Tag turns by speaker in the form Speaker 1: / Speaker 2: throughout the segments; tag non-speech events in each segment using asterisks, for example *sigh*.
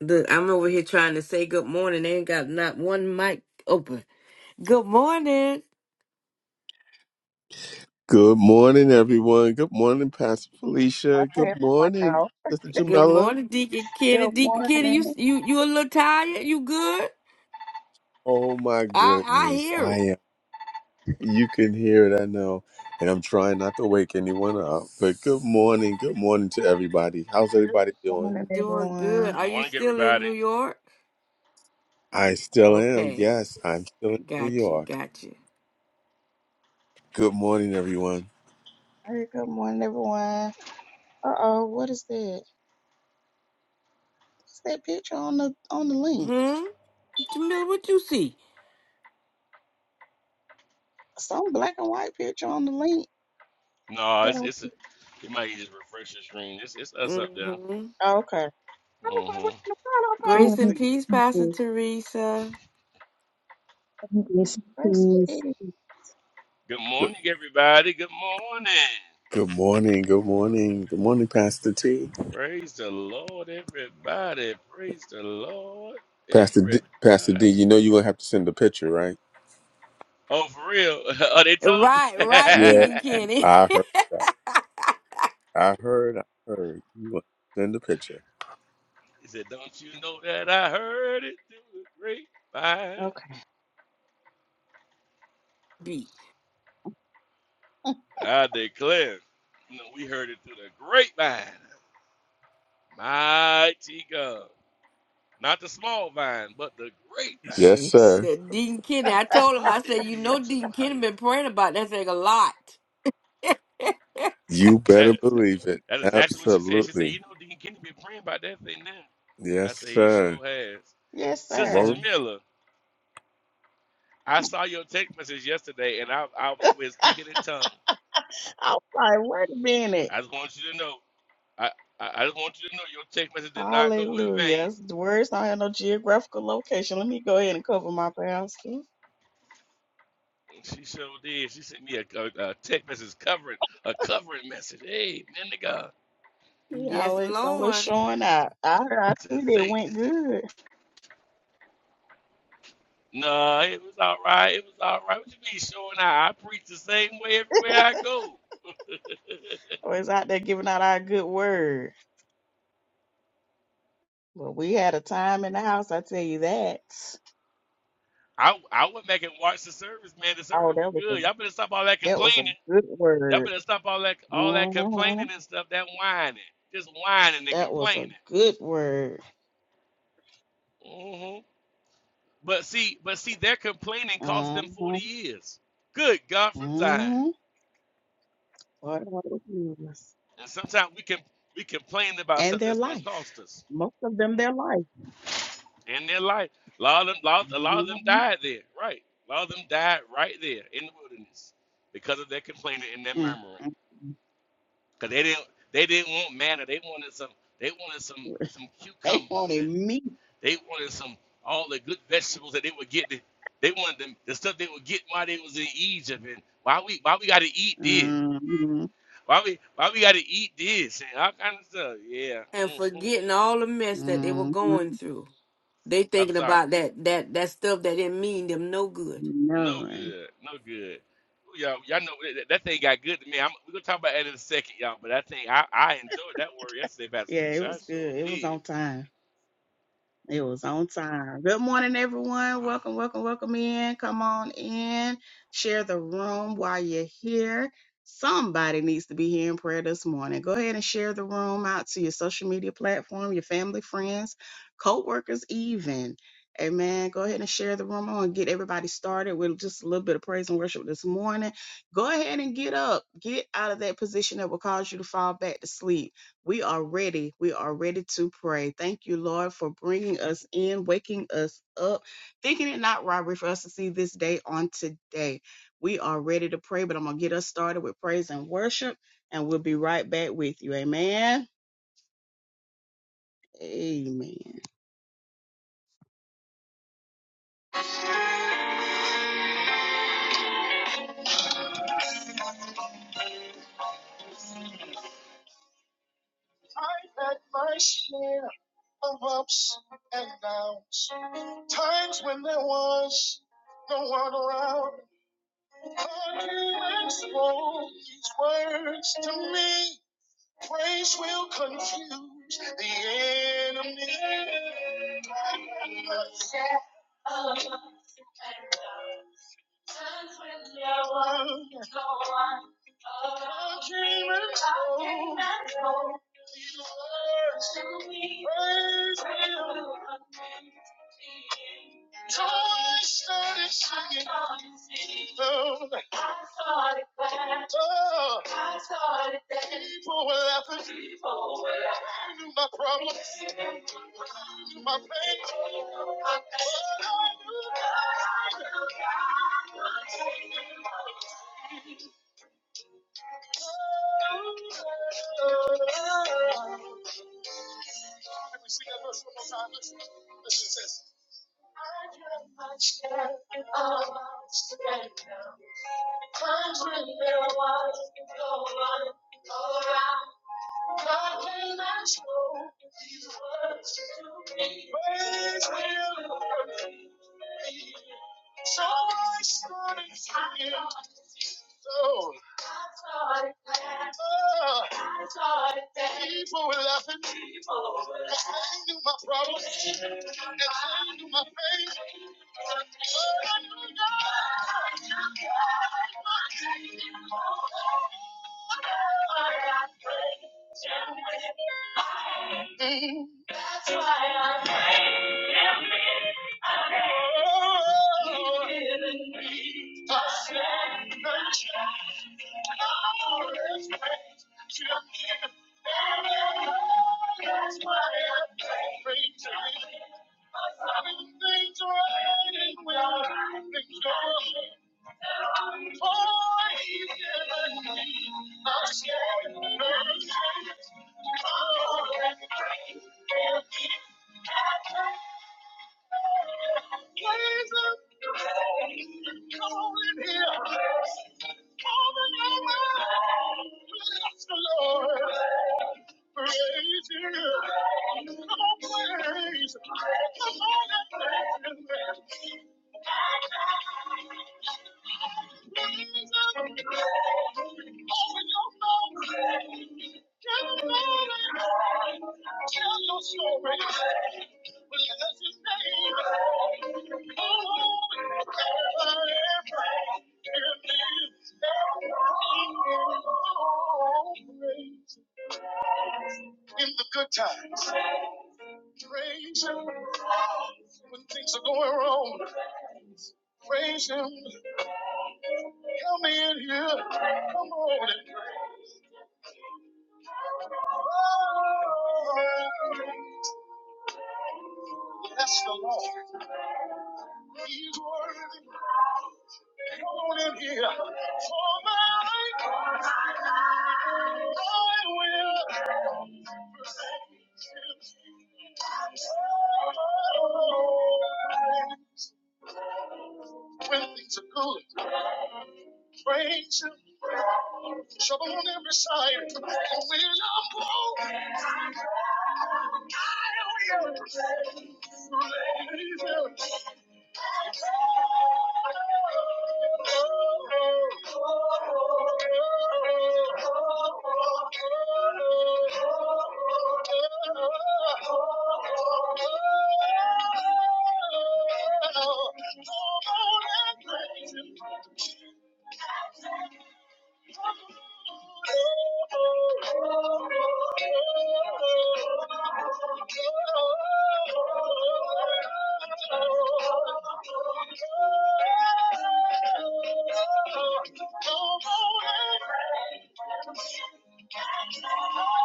Speaker 1: Look, I'm over here trying to say good morning. They ain't got not one mic open. Good morning.
Speaker 2: Good morning, everyone. Good morning, Pastor Felicia.
Speaker 3: Hey,
Speaker 2: Good
Speaker 3: oh my
Speaker 2: morning,
Speaker 3: God.
Speaker 2: Sister
Speaker 1: Good
Speaker 2: Jamela.
Speaker 1: morning, Deacon Kenny.
Speaker 3: Good
Speaker 1: Deacon Kenny, you
Speaker 3: morning.
Speaker 1: you you a little tired? You good?
Speaker 2: Oh my
Speaker 1: I I
Speaker 2: goodness,
Speaker 1: hear
Speaker 2: I
Speaker 1: it.
Speaker 2: am. You can hear it, I know, and I'm trying not to wake anyone up. But good morning, good morning to everybody. How's
Speaker 3: Good
Speaker 2: everybody doing?
Speaker 3: morning,
Speaker 1: Doing good.
Speaker 3: everyone.
Speaker 4: Good
Speaker 1: Are you
Speaker 4: morning,
Speaker 1: still in
Speaker 4: everybody.
Speaker 1: New York?
Speaker 2: I still am.
Speaker 1: Okay.
Speaker 2: Yes, I'm still in New
Speaker 1: Got you.
Speaker 2: York.
Speaker 1: Got you.
Speaker 2: Good morning, everyone.
Speaker 3: Hey, good morning, everyone. Uh oh, what is that? What's that picture on the on the link?
Speaker 1: Hmm? Jamila, what you see?
Speaker 3: Some black and white picture on the link
Speaker 4: No,
Speaker 3: that
Speaker 4: it's
Speaker 3: I
Speaker 4: it's a,
Speaker 3: see.
Speaker 4: you might just refresh the screen. It's it's us up there.
Speaker 1: Mm-hmm.
Speaker 3: Oh, okay. I was like,
Speaker 4: hmm
Speaker 3: what in the front I'm
Speaker 5: Good
Speaker 1: Grace and
Speaker 5: morning.
Speaker 3: posting?
Speaker 1: peace, Pastor Teresa.
Speaker 5: Yes,
Speaker 3: That's
Speaker 5: please.
Speaker 3: it.
Speaker 4: Good
Speaker 2: Good
Speaker 4: morning, everybody. Good morning.
Speaker 2: good morning. Good morning. Good morning, Pastor T.
Speaker 4: Praise the Lord, everybody. Praise the Lord,
Speaker 2: Pastor D, Pastor D.
Speaker 4: everybody.
Speaker 2: You know you're gonna have to send a picture, right?
Speaker 4: Oh, for real? *laughs* oh, they told you.
Speaker 1: Right,
Speaker 4: *laughs*
Speaker 1: right,
Speaker 2: Yeah,
Speaker 1: Deacon Kenny.
Speaker 2: I heard. I heard, I heard. You want to send a picture.
Speaker 4: he said, "Don't you know that I heard it through the grapevine?"
Speaker 3: Okay.
Speaker 1: *laughs* Beat.
Speaker 4: I declare, no, we heard it through the grapevine. Mighty God. Not the small vine, but the great vine.
Speaker 2: Yes,
Speaker 3: Jeez.
Speaker 2: sir.
Speaker 1: that Dean Kenny. I told him, I said, you know, Dean Kenny been praying about that thing a lot. *laughs*
Speaker 2: You better believe it.
Speaker 4: that's exactly what she said. She said,
Speaker 2: Absolutely.
Speaker 4: You know, Dean Kenny been praying about that thing now. I
Speaker 2: Yes,
Speaker 4: said, He
Speaker 2: sir.
Speaker 4: sure has.
Speaker 3: Yes,
Speaker 4: Sister
Speaker 2: Won't.
Speaker 3: sir.
Speaker 4: Jamila, I saw your text message yesterday and I, I was away
Speaker 3: *laughs* I
Speaker 4: speaking in tongues.
Speaker 3: was like, wait a minute.
Speaker 4: I just want you to know. I, I I just want you to know your text message did not go in vain.
Speaker 3: Hallelujah. The words don't have no geographical location. Let me go ahead and cover my pastor.
Speaker 4: And She sure did. She sent me a, a, a text message covering a covering message. Hey, man to God.
Speaker 3: We
Speaker 1: yes,
Speaker 3: always somewhere
Speaker 1: Lord.
Speaker 3: showing out. I
Speaker 4: I
Speaker 3: I
Speaker 4: said,
Speaker 3: think it
Speaker 4: thank.
Speaker 3: went good.
Speaker 4: Nah, it was all right. It was all right. What you mean showing out? I preach the same way everywhere I go. *laughs*
Speaker 3: Always out there giving out our good word. But we had a time in the house, I tell you that.
Speaker 4: I I went back and watched the service, man. The
Speaker 3: Oh,
Speaker 4: service was
Speaker 3: that was a
Speaker 4: good. Y'all better stop all that
Speaker 3: that was a
Speaker 4: complaining.
Speaker 3: good
Speaker 4: Y'all
Speaker 3: word.
Speaker 4: better stop all that all that
Speaker 3: hmm
Speaker 4: complaining and stuff. That whining, just whining and
Speaker 3: That was a
Speaker 4: complaining.
Speaker 3: good word.
Speaker 4: hmm But see, but see, their complaining cost them
Speaker 3: Mm-hmm.
Speaker 4: forty years. Good God from Zion.
Speaker 3: Mm-hmm. What a word it was
Speaker 4: And sometimes we can we complain about
Speaker 3: And
Speaker 4: stuff
Speaker 3: their
Speaker 4: that's gonna cost
Speaker 3: life.
Speaker 4: us.
Speaker 3: Most of them their life.
Speaker 4: in their life. A lot of them, lot, a lot of
Speaker 3: Mm-hmm.
Speaker 4: them died there, right? A lot of them died right there in the wilderness because of their complaining and their
Speaker 3: mm
Speaker 4: murmuring.
Speaker 3: mm
Speaker 4: Because they didn't, they didn't want manna. They wanted some, they wanted some,
Speaker 3: mm. *laughs*
Speaker 4: some
Speaker 3: They
Speaker 4: cucumbers
Speaker 3: wanted
Speaker 4: and
Speaker 3: me.
Speaker 4: they wanted some all the good vegetables that they would get. They they wanted them, the stuff they would get while they was in Egypt and why we, why we got to eat this.
Speaker 3: Mm-hmm.
Speaker 4: Why we, why we got to eat this and all kind of stuff. Yeah.
Speaker 1: And
Speaker 4: hmm
Speaker 1: forgetting all the mess that they were
Speaker 3: Mm-hmm.
Speaker 1: going through. They
Speaker 4: I'm
Speaker 1: thinking
Speaker 4: sorry.
Speaker 1: about that that that stuff that didn't mean them no good.
Speaker 4: No
Speaker 3: None.
Speaker 4: good. No good. Ooh, Y'all, y'all know that, that thing got good to me. I'm, we're gonna talk about that in a second, y'all. But that thing, I, I enjoyed that word yesterday, Pastor
Speaker 3: Yeah, it
Speaker 4: Felicia. I
Speaker 3: was
Speaker 4: sure
Speaker 3: good. It was
Speaker 4: did.
Speaker 3: on time. It was on time. Good morning, everyone.
Speaker 4: Ah,
Speaker 3: Welcome, welcome, welcome in. Come on in. Share the room while you're here. Somebody needs to be hearing prayer this morning. Go ahead and share the room out to your social media platform, your family, friends, co-workers, even. Amen. Go ahead and share the room. I want to get everybody started with just a little bit of praise and worship this morning. Go ahead and get up. Get out of that position that will cause you to fall back to sleep we are ready. We are ready to pray. Thank you, Lord, for bringing us in, waking us up, thinking it not robbery for us to see this day on today. We are ready to pray, but I'm going to get us started with praise and worship, and we'll be right back with you. Amen. Amen. I've had my share of ups and downs, times when there was no one around. God, you spoke these words to me. Praise will confuse the enemy. Times when there was no one, I came and told these words to me. Praise will confuse the enemy. I started singing. Oh, I started laughing. oh. I started dancing. People were laughing. They knew my problems, they knew my pain. But I knew God. I knew God. Can we sing that verse one more time? Listen, listen, it says, So I started to get so. Ah, people were laughing. But they knew my problems. And they knew my pain. Mm. Oh, oh, oh. Things raining, well, things go. Praise, come on, praise, come on, praise. In the good times, praise him. When things are going wrong, praise him. Come in here, come on and praise. Oh, Bless the Lord. He's worthy. Come on in here. For my thine I will praise him. When things are good, praise him. Trouble on every side. And when I'm broke, I will praise him. Oh, oh on and pray.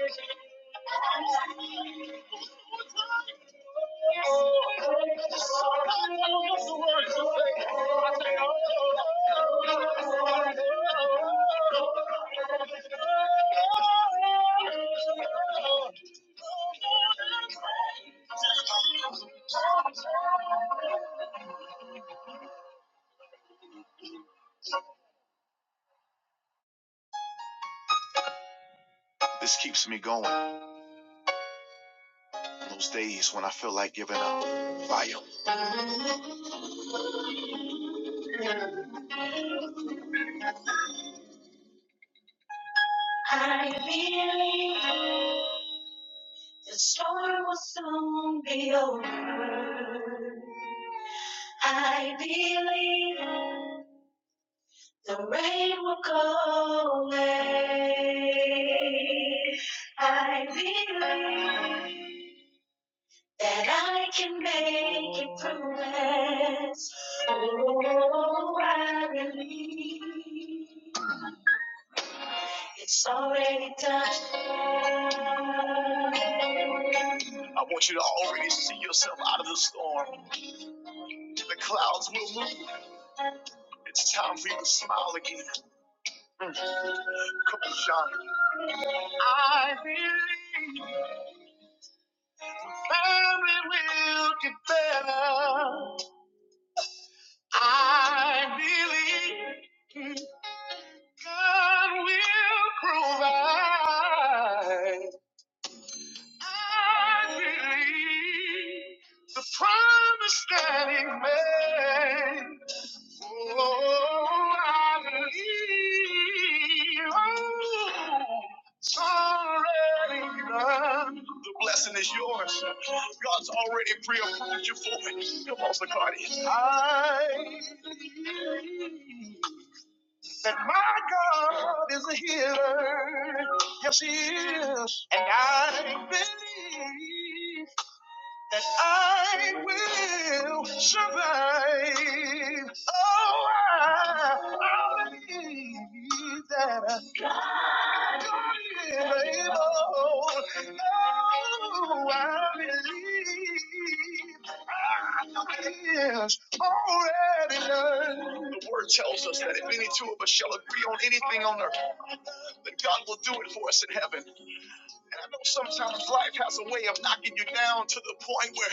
Speaker 3: Thank you. This keeps me going on those days when I feel like giving up. Fire. I believe the storm will soon be over. I believe the rain will go away. I believe that I can make it through this. Oh, I believe. It's already done. I want you to already see yourself out of the storm. The clouds will move. It's time for you to smile again. Mm. Come on, Sean. I believe family will get better. I believe God will provide. I believe the promise that he made. Oh, I believe. Oh, it's already done. The blessing is yours. God's already pre-approved you for it. Come on, Bacardi. I believe that my God is a healer. Yes, He is. And I believe that I will survive. Oh, I, I believe that God is able. Oh, I believe is already done. The word tells us that if any two of us shall agree on anything on earth, then God will do it for us in heaven. And I know sometimes life has a way of knocking you down to the point where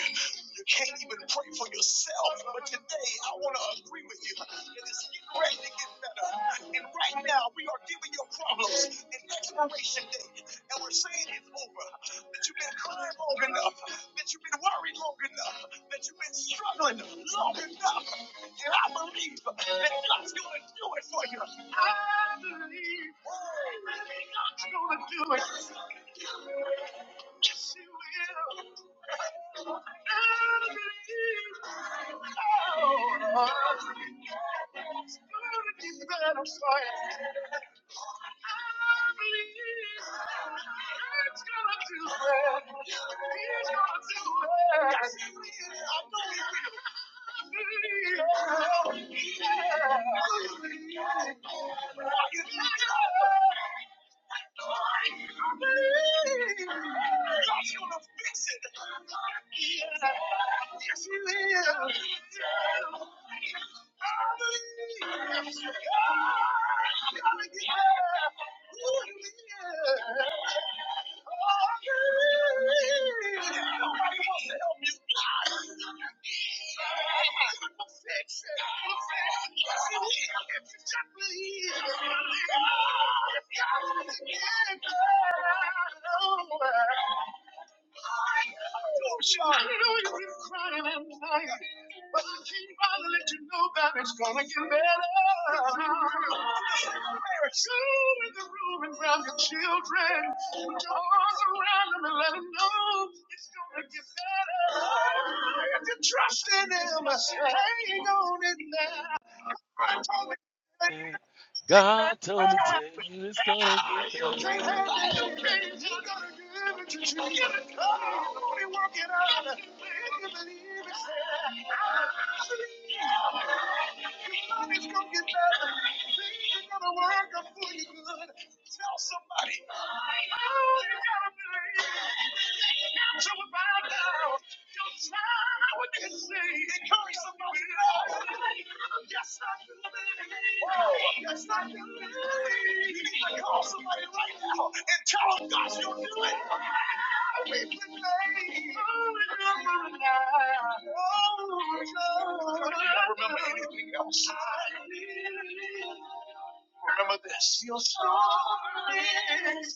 Speaker 3: you can't even pray for yourself. But today, I want to agree with you. It is getting ready to get better. And right now, we are giving your problems an expiration date. And we're saying it's over. That you've been crying long enough. That you've been worried long enough. That you've been struggling long enough. And I believe that God's going to do it for you. I believe that God's going to do it. Yes, He will. I believe. Oh, it's going to be better for you. I believe God's going to do it. He's going to do it. I know He will. Yes, you will. Yeah. I know you've crying and lying, but I can't bother let you know that it's gonna get better. Parents, you in the room and grab your children, put your arms around them and let them know it's gonna get better. If you trust in Him, hang on in there. I told
Speaker 4: man.
Speaker 3: me.
Speaker 4: God told me tell you it's gonna get
Speaker 3: You can't
Speaker 4: better.
Speaker 3: have that. You can't. He's gonna give it to you. Come on, and work it out. If you believe it, say, I believe. Your body's gonna get better. Things are gonna work out for you good. Tell somebody. Oh, you gotta believe. So about now. Encourage Yes, Yes, You need to call somebody right now and tell them God, you'll do it. We've been Oh, I remember anything else. Remember this. Your story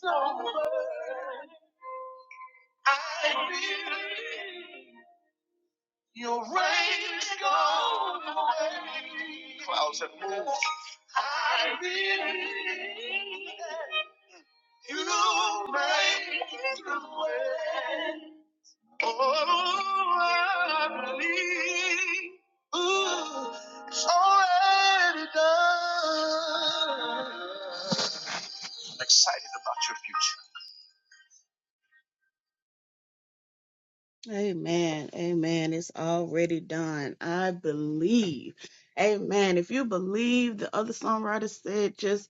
Speaker 3: over. I believe rains go away. Clouds have moved. I believe you make the way. Oh, I believe ooh, it's already done. I'm excited about your future. Amen. Amen. It's already done. I believe. Amen. If you believe the other songwriter said just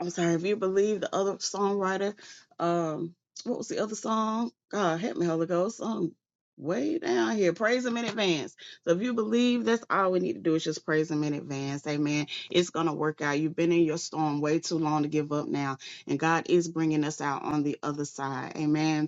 Speaker 3: I'm sorry, if you believe the other songwriter, um, what was the other song? God help me, Holy Ghost. Um way down here. Praise him in advance. So if you believe that's all we need to do is just praise him in advance. Amen. It's gonna work out. You've been in your storm way too long to give up now. And God is bringing us out on the other side. Amen.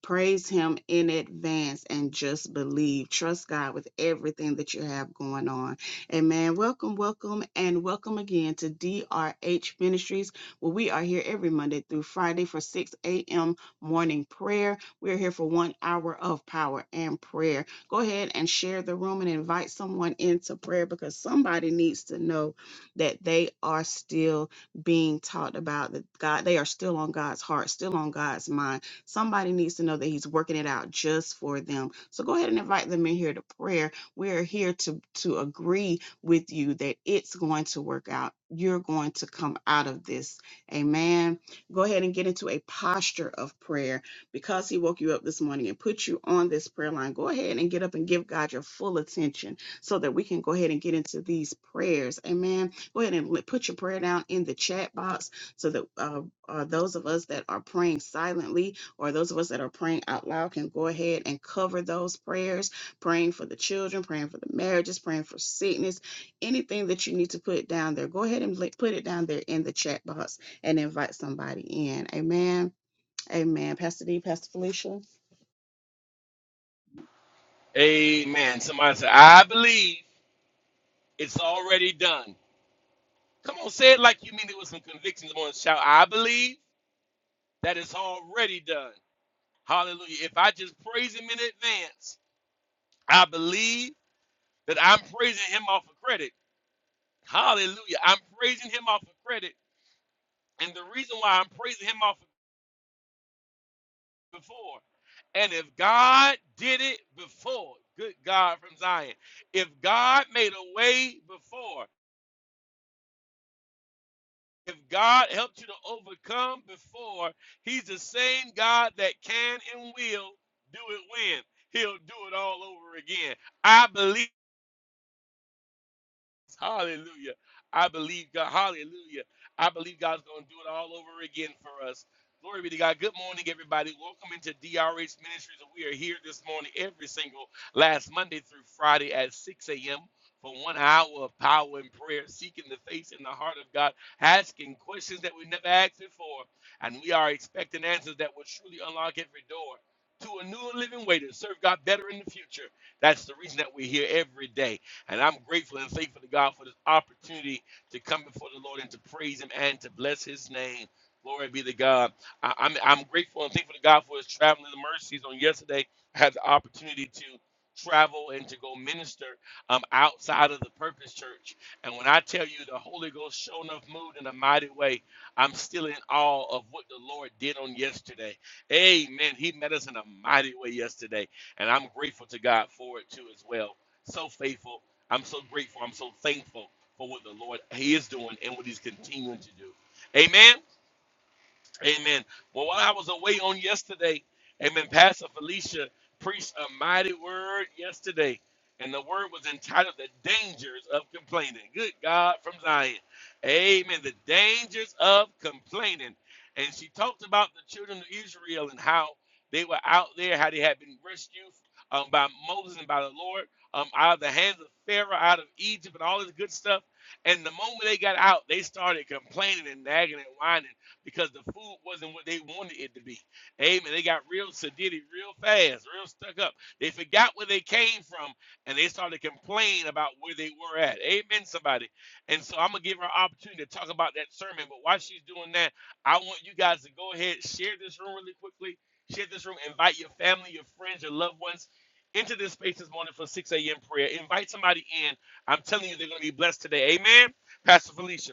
Speaker 3: Praise Him in advance and just believe. Trust God with everything that you have going on. Amen. Welcome, welcome, and welcome again to DRH Ministries, where we are here every Monday through Friday for 6 a.m. morning prayer. We are here for one hour of power and prayer. Go ahead and share the room and invite someone into prayer because somebody needs to know that they are still being taught about that God, they are still on God's heart, still on God's mind Somebody needs to know that He's working it out just for them. So go ahead and invite them in here to prayer. We are here to, to agree with you that it's going to work out. You're going to come out of this. Amen. Go ahead and get into a posture of prayer because He woke you up this morning and put you on this prayer line. Go ahead and get up and give God your full attention so that we can go ahead and get into these prayers. Amen. Go ahead and li- put your prayer down in the chat box so that uh, uh, those of us that are praying silently or those of us that are praying out loud can go ahead and cover those prayers, praying for the children, praying for the marriages, praying for sickness, anything that you need to put down there. Go ahead and put it down there in the chat box and invite somebody in. Amen. Amen. Pastor D, Pastor Felicia.
Speaker 4: Amen. Somebody said, I believe it's already done. Come on, say it like you mean it with some conviction. Come on, shout, I believe that it's already done. Hallelujah. If I just praise him in advance, I believe that I'm praising him off of credit. Hallelujah. I'm praising him off of credit. And the reason why I'm praising him off of before. And if God did it before, good God from Zion, if God made a way before, if God helped you to overcome before, he's the same God that can and will do it when. He'll do it all over again. I believe. Hallelujah. I believe God. Hallelujah. I believe God's going to do it all over again for us. Glory be to God. Good morning, everybody. Welcome into DRH Ministries. And We are here this morning every single last Monday through Friday at 6 a.m. for one hour of power and prayer, seeking the face and the heart of God, asking questions that we never asked before. And we are expecting answers that will truly unlock every door to a new and living way to serve God better in the future. That's the reason that we're here every day. And I'm grateful and thankful to God for this opportunity to come before the Lord and to praise Him and to bless His name. Glory be to God. I, am I'm I'm grateful and thankful to God for His traveling mercies. On yesterday, I had the opportunity to travel and to go minister um, outside of the Purpose Church. And when I tell you the Holy Ghost showed enough mood in a mighty way, I'm still in awe of what the Lord did on yesterday. Amen. He met us in a mighty way yesterday. And I'm grateful to God for it too as well. So faithful I'm so grateful. I'm so thankful for what the Lord He is doing and what He's continuing to do. Amen. Amen. Well, while I was away on yesterday, Amen. Pastor Felicia preached a mighty word yesterday, and the word was entitled "The Dangers of Complaining." Good God from Zion, Amen. The dangers of complaining, and she talked about the children of Israel and how they were out there, how they had been rescued um, by Moses and by the Lord um, out of the hands of Pharaoh, out of Egypt, and all this good stuff. And the moment they got out, they started complaining and nagging and whining because the food wasn't what they wanted it to be. Amen. They got real sedity real fast, real stuck up. They forgot where they came from and they started to complain about where they were at. Amen, somebody. And so I'm going to give her an opportunity to talk about that sermon. But while she's doing that, I want you guys to go ahead, share this room really quickly. Share this room, invite your family, your friends, your loved ones into this space this morning for 6 a.m. prayer. Invite somebody in. I'm telling you, they're going to be blessed today. Amen. Pastor Felicia.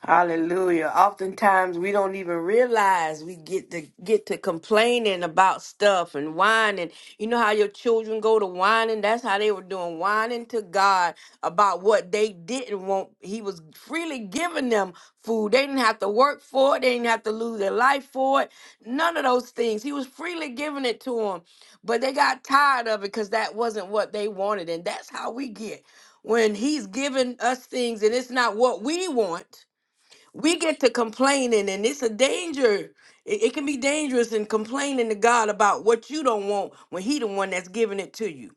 Speaker 1: Hallelujah. Oftentimes we don't even realize we get to get to complaining about stuff and whining. You know how your children go to whining? That's how they were doing, whining to God about what they didn't want. He was freely giving them food. They didn't have to work for it. They didn't have to lose their life for it. None of those things. He was freely giving it to them. But they got tired of it because that wasn't what they wanted. And that's how we get when he's giving us things and it's not what we want we get to complaining and it's a danger it, it can be dangerous in complaining to god about what you don't want when he the one that's giving it to you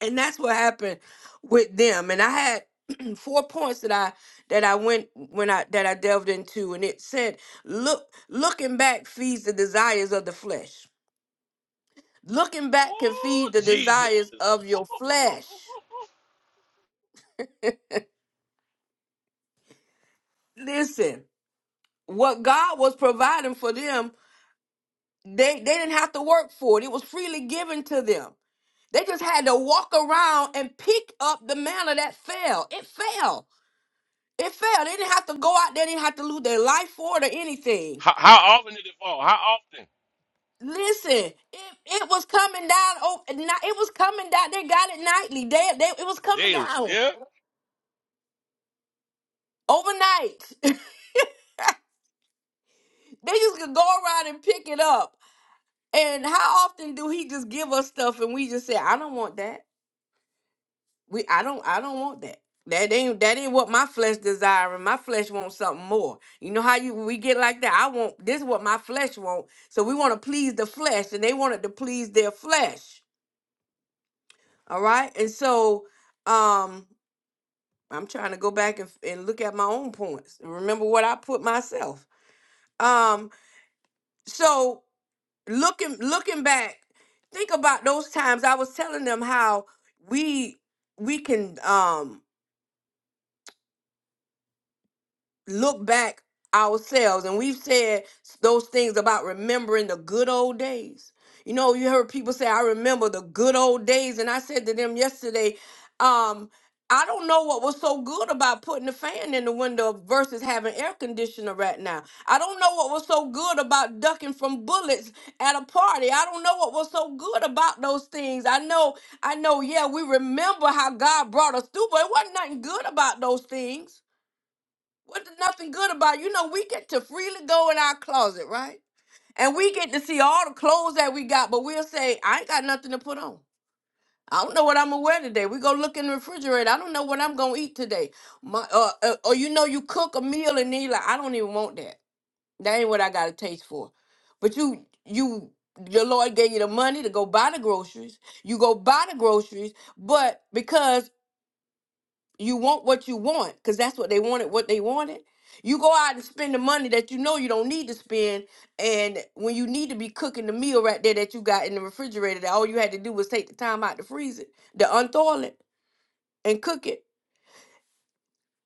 Speaker 1: and that's what happened with them and i had *clears throat* four points that i that i went when i that i delved into and it said look looking back feeds the desires of the flesh looking back can
Speaker 4: Oh,
Speaker 1: feed the
Speaker 4: Jesus.
Speaker 1: desires
Speaker 4: *laughs*
Speaker 1: of your flesh listen what god was providing for them they they didn't have to work for it it was freely given to them They just had to walk around and pick up the manna that fell. It fell. It fell. They didn't have to go out there. They didn't have to lose their life for it or anything.
Speaker 4: How, how often did it fall? How often?
Speaker 1: Listen, it, it was coming down. Oh, ni- it was coming down. They got it nightly. They, they it was coming
Speaker 4: Daily.
Speaker 1: down
Speaker 4: Yeah.
Speaker 1: overnight. *laughs* they just could go around and pick it up. And how often do he just give us stuff and we just say, "I don't want that." We I don't I don't want that. That ain't that ain't what my flesh desiring. My flesh wants something more. You know how you we get like that. I want this is what my flesh want. So we want to please the flesh, and they wanted to please their flesh. All right, and so um, I'm trying to go back and, and look at my own points. and Remember what I put myself. Um, so looking looking back, think about those times I was telling them how we we can um look back ourselves and we've said those things about remembering the good old days you know you heard people say i remember the good old days and i said to them yesterday um i don't know what was so good about putting the fan in the window versus having air conditioner right now i don't know what was so good about ducking from bullets at a party i don't know what was so good about those things i know i know yeah we remember how god brought us through but it wasn't nothing good about those things what the nothing good about it? You know, we get to freely go in our closet, right? And we get to see all the clothes that we got, but we'll say, I ain't got nothing to put on. I don't know what I'm gonna wear today. We go look in the refrigerator. I don't know what I'm gonna eat today. My, uh, uh, or you know, you cook a meal and then you like, I don't even want that. That ain't what I got a taste for. But you, you, the Lord gave you the money to go buy the groceries. You go buy the groceries, but because you want what you want because that's what they wanted, what they wanted. You go out and spend the money that you know you don't need to spend. And when you need to be cooking the meal right there that you got in the refrigerator, that all you had to do was take the time out to freeze it, to unthaw it, and cook it.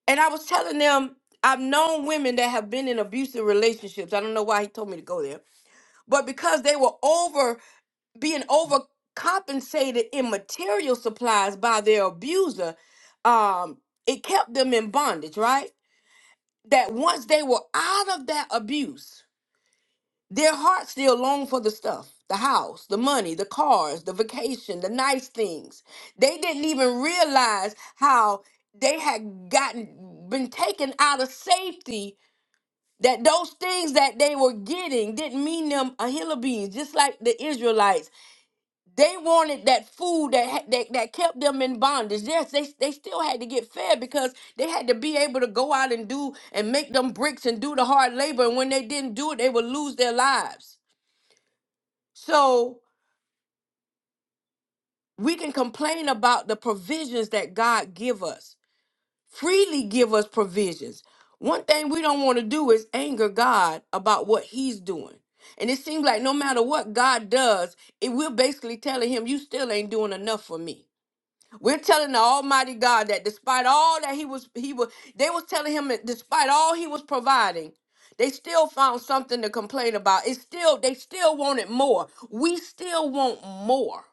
Speaker 1: And I was telling them, I've known women that have been in abusive relationships. I don't know why he told me to go there, but because they were over being overcompensated in material supplies by their abuser, um, it kept them in bondage, right? that once they were out of that abuse, their hearts still long for the stuff the house, the money, the cars, the vacation, the nice things. They didn't even realize how they had gotten been taken out of safety that those things that they were getting didn't mean them a hill of beans just like the israelites they wanted that food that ha- that, that kept them in bondage. Yes, they they still had to get fed because they had to be able to go out and do and make them bricks and do the hard labor. And when they didn't do it, they would lose their lives. So we can complain about the provisions that God give us. Freely give us provisions. One thing we don't want to do is anger God about what He's doing. And it seems like no matter what God does, it we're basically telling him, You still ain't doing enough for me We're telling the Almighty God that despite all that he was he was they was telling him that despite all he was providing, they still found something to complain about. It's still they still wanted more. We still want more.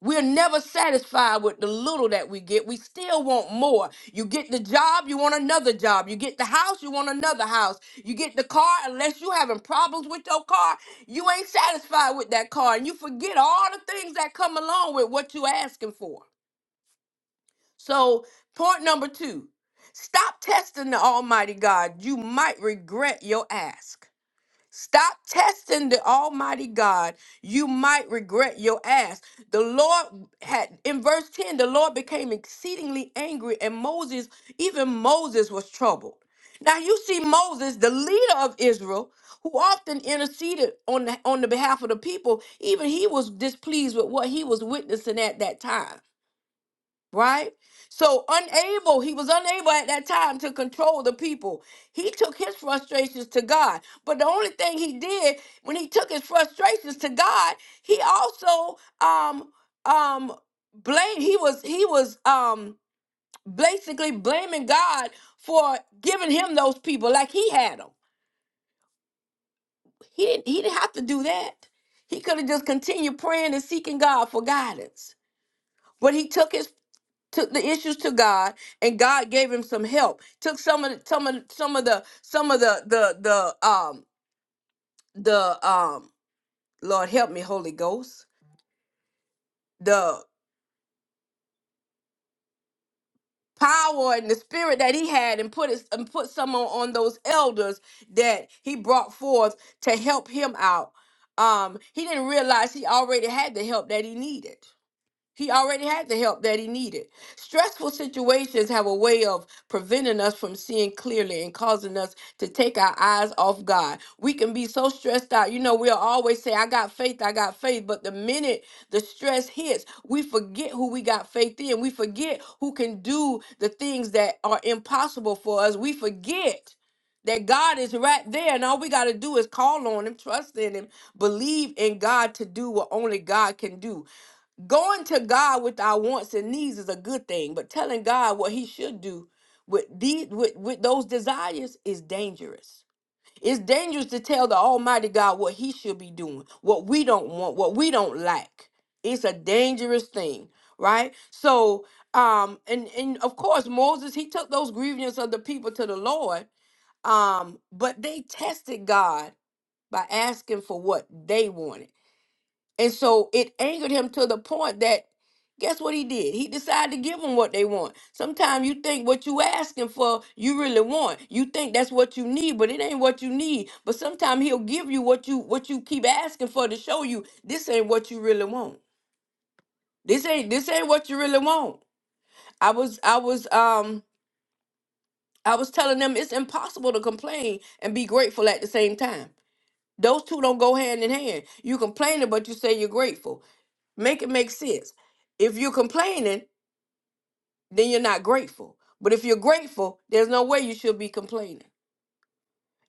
Speaker 1: We're never satisfied with the little that we get. We still want more. You get the job, you want another job. You get the house, you want another house. You get the car, unless you're having problems with your car, you ain't satisfied with that car. And you forget all the things that come along with what you're asking for. So, point number two stop testing the Almighty God. You might regret your ask. Stop testing the Almighty God. You might regret your ask. The Lord had, in verse 10, the Lord became exceedingly angry, and Moses, even Moses, was troubled. Now, you see Moses, the leader of Israel, who often interceded on the, on the behalf of the people, even he was displeased with what he was witnessing at that time right? So unable, he was unable at that time to control the people. He took his frustrations to God. But the only thing he did when he took his frustrations to God, he also um um blamed he was he was um basically blaming God for giving him those people like he had them. He didn't he didn't have to do that. He could have just continued praying and seeking God for guidance. But he took his took the issues to God, and God gave him some help. Took some of the, some of some of the some of the the the um the um Lord help me, Holy Ghost, the power and the spirit that he had, and put it and put some on, on those elders that he brought forth to help him out. Um, he didn't realize he already had the help that he needed. He already had the help that he needed. Stressful situations have a way of preventing us from seeing clearly and causing us to take our eyes off God. We can be so stressed out. You know, we'll always say, I got faith, I got faith. But the minute the stress hits, we forget who we got faith in. We forget who can do the things that are impossible for us. We forget that God is right there. And all we got to do is call on Him, trust in Him, believe in God to do what only God can do. Going to God with our wants and needs is a good thing, but telling God what he should do with these with, with those desires is dangerous. It's dangerous to tell the Almighty God what he should be doing, what we don't want, what we don't like. It's a dangerous thing, right? So um and and of course Moses he took those grievances of the people to the Lord, um, but they tested God by asking for what they wanted and so it angered him to the point that guess what he did? He decided to give them what they want. Sometimes you think what you asking for, you really want. You think that's what you need, but it ain't what you need. But sometimes he'll give you what you what you keep asking for to show you this ain't what you really want. This ain't this ain't what you really want. I was I was um I was telling them it's impossible to complain and be grateful at the same time. Those two don't go hand in hand. You complaining, but you say you're grateful. Make it make sense. If you're complaining, then you're not grateful. But if you're grateful, there's no way you should be complaining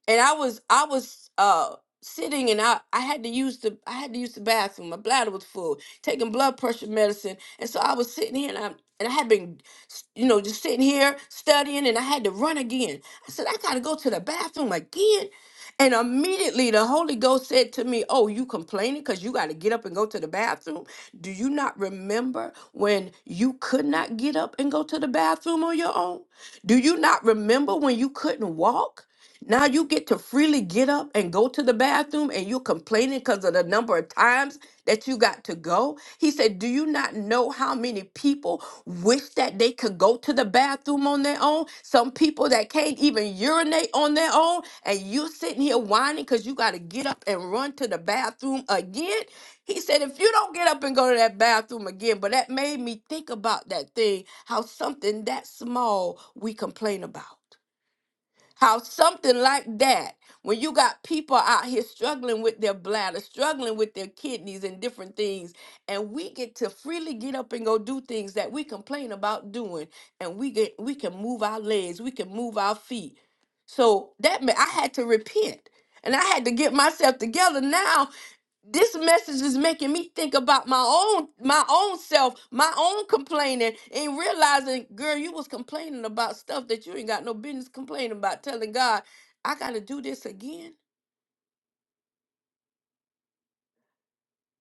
Speaker 1: and I was I was uh sitting and I I had to use the I had to use the bathroom. My bladder was full, taking blood pressure medicine, and so I was sitting here and I and I had been, s- you know, just sitting here studying, and I had to run again. I said I gotta go to the bathroom again. And immediately the Holy Ghost said to me, Oh, you complaining because you got to get up and go to the bathroom? Do you not remember when you could not get up and go to the bathroom on your own? Do you not remember when you couldn't walk? Now you get to freely get up and go to the bathroom and you're complaining because of the number of times that you got to go. He said, Do you not know how many people wish that they could go to the bathroom on their own? Some people that can't even urinate on their own, and you're sitting here whining because you got to get up and run to the bathroom again. He said, If you don't get up and go to that bathroom again, but that made me think about that thing, how something that small we complain about. How something like that, when you got people out here struggling with their bladder, struggling with their kidneys and different things, and we get to freely get up and go do things that we complain about doing, and we get we can move our legs, we can move our feet. So that meant I had to repent. And I had to get myself together now this message is making me think about my own my own self my own complaining and realizing girl you was complaining about stuff that you ain't got no business complaining about telling god i gotta do this again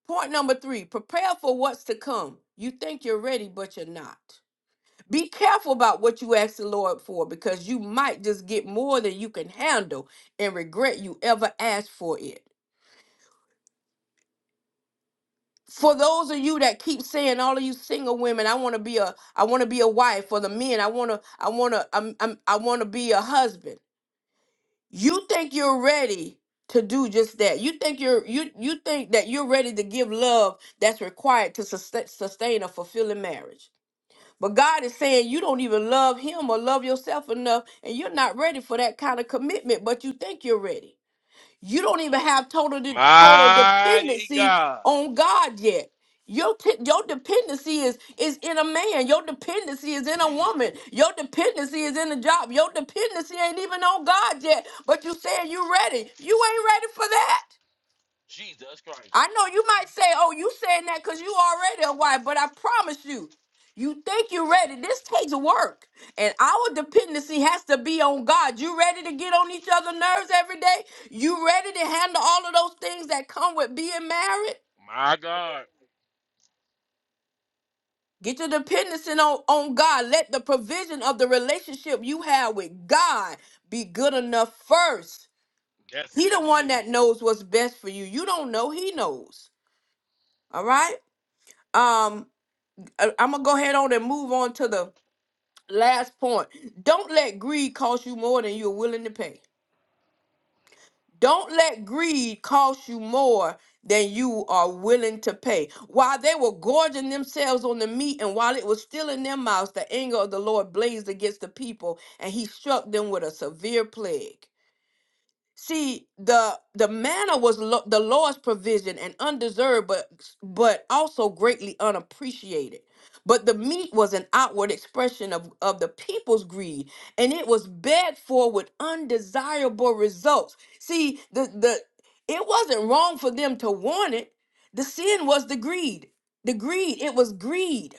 Speaker 1: point number three prepare for what's to come you think you're ready but you're not be careful about what you ask the lord for because you might just get more than you can handle and regret you ever asked for it for those of you that keep saying all of you single women i want to be a i want to be a wife for the men i want to i want to I'm, I'm, i want to be a husband you think you're ready to do just that you think you're you you think that you're ready to give love that's required to sustain, sustain a fulfilling marriage but god is saying you don't even love him or love yourself enough and you're not ready for that kind of commitment but you think you're ready you don't even have total de- total
Speaker 4: Mighty
Speaker 1: dependency
Speaker 4: God.
Speaker 1: on God yet. Your, t- your dependency is is in a man. Your dependency is in a
Speaker 4: Jesus.
Speaker 1: woman. Your dependency is in a job. Your dependency ain't even on God yet. But you saying you ready. You ain't ready for that.
Speaker 4: Jesus Christ.
Speaker 1: I know you might say, "Oh, you saying that because you already a wife," but I promise you, you think you're ready. This takes work, and our dependency has to be on God. You ready to get on each other's nerves every day? You ready to handle all of those things that come with being married?
Speaker 4: My God.
Speaker 1: Get your dependency on, on God. Let the provision of the relationship you have with God be good enough first.
Speaker 4: That's
Speaker 1: He the
Speaker 4: good to
Speaker 1: one
Speaker 4: me.
Speaker 1: that knows what's best for you. You don't know, he knows. All right? Um. I, I'm gonna go ahead on and move on to the last point. Don't let greed cost you more than you're willing to pay. Don't let greed cost you more than you are willing to pay. While they were gorging themselves on the meat and while it was still in their mouths, the anger of the Lord blazed against the people and he struck them with a severe plague. See, the the manna was lo- the Lord's provision and undeserved, but but also greatly unappreciated. But the meat was an outward expression of, of the people's greed, and it was begged for with undesirable results. See, the the it wasn't wrong for them to want it. The sin was the greed. The greed, it was greed.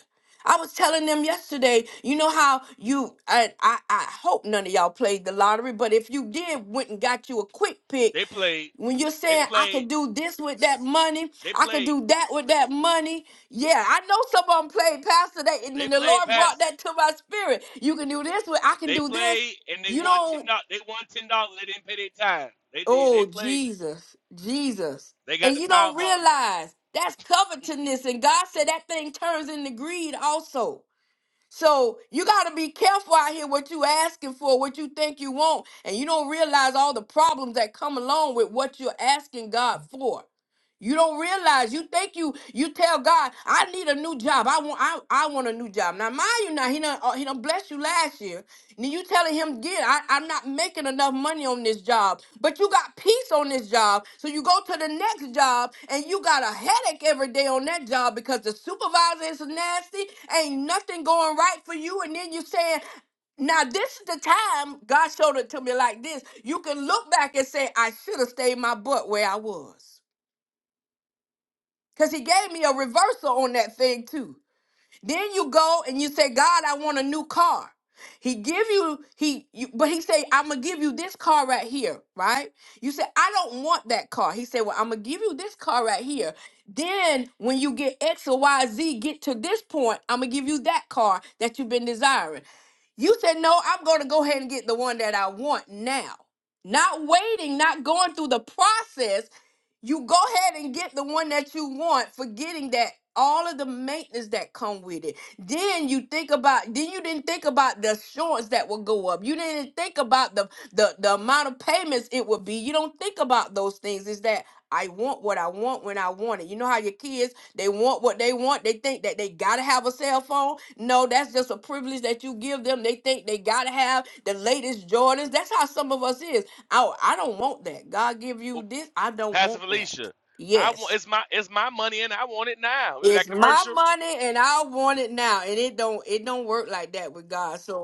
Speaker 1: I was telling them yesterday, you know how you I, I I hope none of y'all played the lottery, but if you did went and got you a quick pick,
Speaker 4: They played.
Speaker 1: when you're
Speaker 4: They
Speaker 1: saying I
Speaker 4: played.
Speaker 1: could do this with that money,
Speaker 4: They
Speaker 1: I could
Speaker 4: played.
Speaker 1: do that with that money. Yeah, I know someone of them played pastor that and
Speaker 4: They
Speaker 1: then the
Speaker 4: played
Speaker 1: Lord brought
Speaker 4: past.
Speaker 1: that to my spirit. You can do this with I can
Speaker 4: They
Speaker 1: do this.
Speaker 4: played and they
Speaker 1: You
Speaker 4: won ten
Speaker 1: don't
Speaker 4: dollars. They won ten dollars. They didn't pay their time. They did. They
Speaker 1: oh
Speaker 4: played.
Speaker 1: Jesus, Jesus.
Speaker 4: They got
Speaker 1: And
Speaker 4: the
Speaker 1: you don't
Speaker 4: Powerball number.
Speaker 1: realize that's covetousness. And God said that thing turns into greed also. So you got to be careful out here what you asking for, what you think you want, and you don't realize all the problems that come along with what you're asking God for. You don't realize. You think you you tell God, I need a new job. I want I, I want a new job. Now mind you, now he done uh, he done bless you last year. Then you telling him, yeah, I, I'm not making enough money on this job, but you got peace on this job. So you go to the next job and you got a headache every day on that job because the supervisor is nasty, ain't nothing going right for you. And then you saying, now this is the time God showed it to me like this. You can look back and say, I should have stayed my butt where I was. Cause he gave me a reversal on that thing too. Then you go and you say, God, I want a new car. He give you he, you, but he say, I'm gonna give you this car right here, right? You say, I don't want that car. He said, Well, I'm gonna give you this car right here. Then when you get X or Y Z, get to this point, I'm gonna give you that car that you've been desiring. You said, no, I'm going to go ahead and get the one that I want now. Not waiting, not going through the process. You go ahead and get the one that you want, forgetting that all of the maintenance that come with it. Then you think about, then you didn't think about the assurance that would go up. You didn't think about the, the, the amount of payments it would be. You don't think about those things. Is that I want what I want when I want it. You know how your kids they want what they want. They think that they gotta have a cell phone. No, that's just a privilege that you give them. They think they gotta have the latest Jordans. That's how some of us is. Oh, I don't want that. God give
Speaker 4: Oh,
Speaker 1: you this. I don't
Speaker 4: Pastor
Speaker 1: want that.
Speaker 4: Felicia. I want
Speaker 1: Yes.
Speaker 4: it's my it's my money and I want it now. Remember that
Speaker 1: It's my
Speaker 4: commercial?
Speaker 1: money and I want it now. And it don't it don't work like that with God. So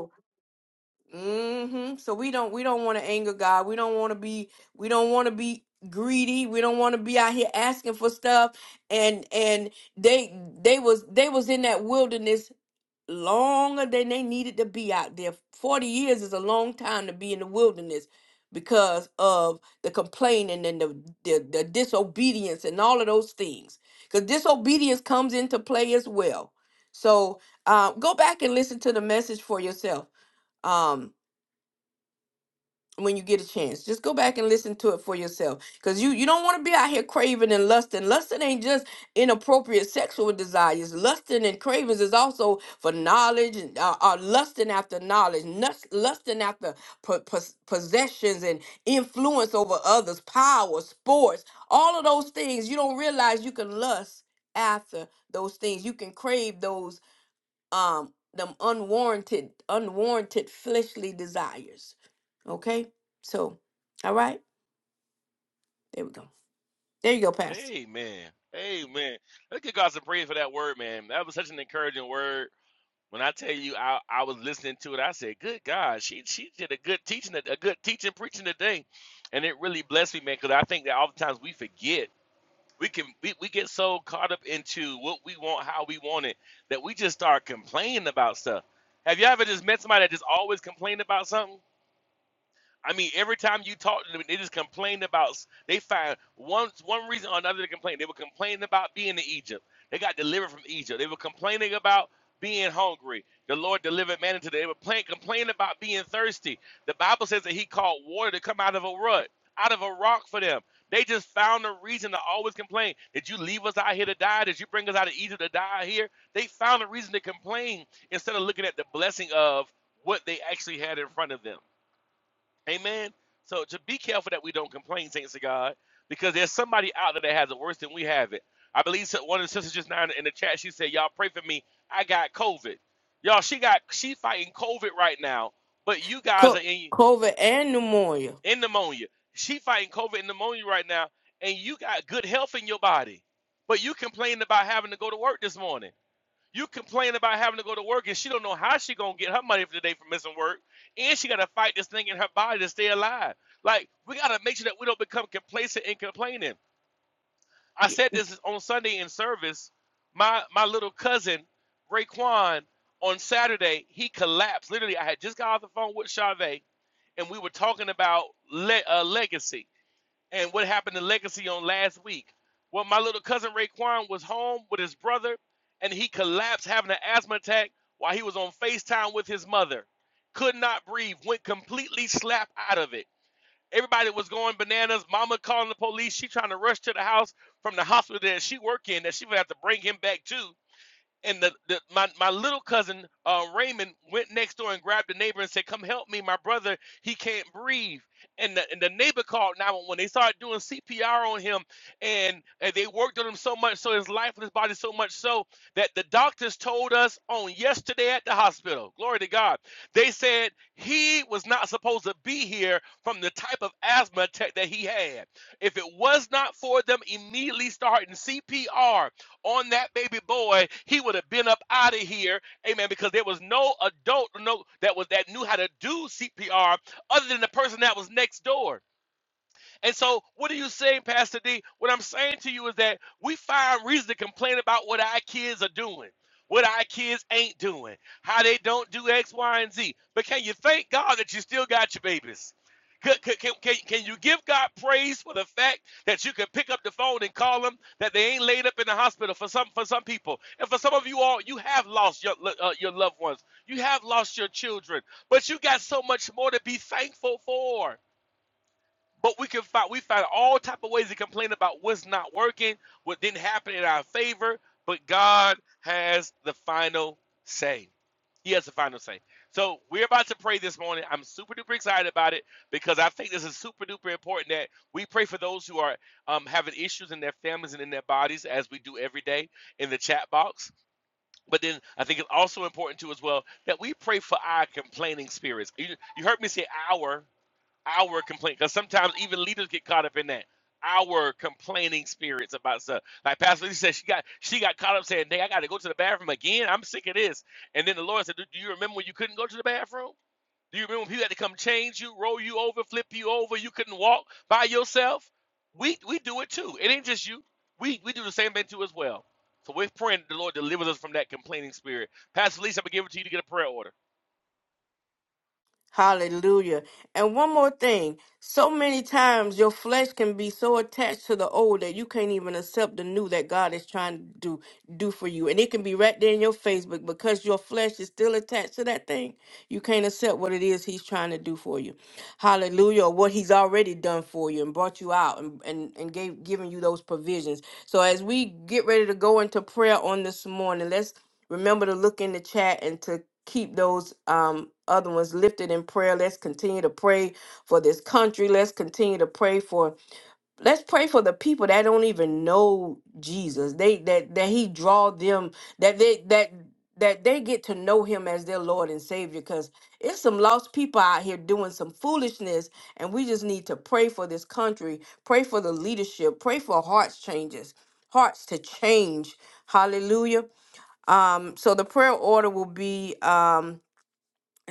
Speaker 1: hmm So we don't we don't want to anger God. We don't want to be we don't want to be greedy. We don't want to be out here asking for stuff. And and they they was they was in that wilderness longer than they needed to be out there. Forty years is a long time to be in the wilderness because of the complaining and the the, the disobedience and all of those things. Because disobedience comes into play as well. So uh, go back and listen to the message for yourself Um when you get a chance. Just go back and listen to it for yourself. Cause you you don't want to be out here craving and lusting. Lusting ain't just inappropriate sexual desires. Lusting and cravings is also for knowledge and uh, uh, lusting after knowledge, nus- lusting after po- pos- possessions and influence over others, power, sports, all of those things. You don't realize you can lust after those things. You can crave those um them unwarranted unwarranted fleshly desires Okay? So, all right. There we go. There you go, Pastor.
Speaker 4: Amen. Amen. Let's give God some praise for that word, man. That was such an encouraging word. When I tell you I, I was listening to it, I said, Good God, she she did a good teaching, a good teaching, preaching today. And it really blessed me, man, because I think that oftentimes we forget. We can we, we get so caught up into what we want, how we want it, that we just start complaining about stuff. Have you ever just met somebody that just always complained about something? I mean, every time you talk to them, they just complain about. They find one one reason or another to complain. They were complaining about being in Egypt. They got delivered from Egypt. They were complaining about being hungry. The Lord delivered man into. them. They were plain, complaining about being thirsty. The Bible says that He called water to come out of a rut, out of a rock for them. They just found a reason to always complain. Did you leave us out here to die? Did you bring us out of Egypt to die here? They found a reason to complain instead of looking at the blessing of what they actually had in front of them. Amen. So to be careful that we don't complain, saints of God, because there's somebody out there that has it worse than we have it. I believe so- one of the sisters just now in the chat, she said, Y'all pray for me. I got COVID. Y'all, she got she fighting COVID right now, but you guys are
Speaker 1: Co-
Speaker 4: in
Speaker 1: COVID and pneumonia.
Speaker 4: in pneumonia. She fighting COVID and pneumonia right now, and you got good health in your body. But you complained about having to go to work this morning. You complain about having to go to work, and she don't know how she gonna get her money for the day for missing work, and she gotta fight this thing in her body to stay alive. Like we gotta make sure that we don't become complacent and complaining. I said this on Sunday in service. My my little cousin Raekwon on Saturday he collapsed. Literally, I had just got off the phone with Chavez, and we were talking about le- uh, legacy and what happened to Legacy on last week. Well, my little cousin Raekwon was home with his brother, and he collapsed having an asthma attack while he was on FaceTime with his mother. Could not breathe, went completely slap out of it. Everybody was going bananas. Mama calling the police. She trying to rush to the house from the hospital that she worked in that she would have to bring him back to and the, the my, my little cousin uh, Raymond went next door and grabbed the neighbor and said, "Come help me, my brother. He can't breathe." And the, and the neighbor called 911. They started doing CPR on him, and, and they worked on him so much, so his lifeless body so much so that the doctors told us on yesterday at the hospital. Glory to God. They said he was not supposed to be here from the type of asthma attack that he had. If it was not for them immediately starting CPR on that baby boy, he would have been up out of here. Amen. Because there was no adult no, that was that knew how to do CPR other than the person that was next door. And so, what are you saying, Pastor D? What I'm saying to you is that we find reason to complain about what our kids are doing, what our kids ain't doing, how they don't do X, Y, and Z. But can you thank God that you still got your babies? Can, can, can, can you give God praise for the fact that you can pick up the phone and call them that they ain't laid up in the hospital for some for some people and for some of you all you have lost your uh, your loved ones you have lost your children but you got so much more to be thankful for but we can find we found all type of ways to complain about what's not working, what didn't happen in our favor, but God has the final say. He has the final say. So we're about to pray this morning. I'm super duper excited about it because I think this is super duper important that we pray for those who are um, having issues in their families and in their bodies, as we do every day in the chat box. But then I think it's also important too as well that we pray for our complaining spirits. You, you heard me say our our complaint because sometimes even leaders get caught up in that our complaining spirits about stuff like pastor Lisa said she got she got caught up saying dang i gotta go to the bathroom again i'm sick of this and then the lord said do, do you remember when you couldn't go to the bathroom do you remember when people had to come change you roll you over flip you over you couldn't walk by yourself we we do it too it ain't just you we we do the same thing too as well so we're praying that the lord delivers us from that complaining spirit pastor Lisa, i'm gonna give it to you to get a prayer order
Speaker 1: Hallelujah. And one more thing. So many times your flesh can be so attached to the old that you can't even accept the new that God is trying to do do for you. And it can be right there in your face, but because your flesh is still attached to that thing, you can't accept what it is he's trying to do for you. Hallelujah. Or what he's already done for you and brought you out and, and, and gave given you those provisions. So as we get ready to go into prayer on this morning, let's. Remember to look in the chat and to keep those um, other ones lifted in prayer. Let's continue to pray for this country. Let's continue to pray for. Let's pray for the people that don't even know Jesus. They that that He draw them that they that that they get to know Him as their Lord and Savior. Because it's some lost people out here doing some foolishness, and we just need to pray for this country. Pray for the leadership. Pray for hearts changes, hearts to change. Hallelujah. Um, so the prayer order will be um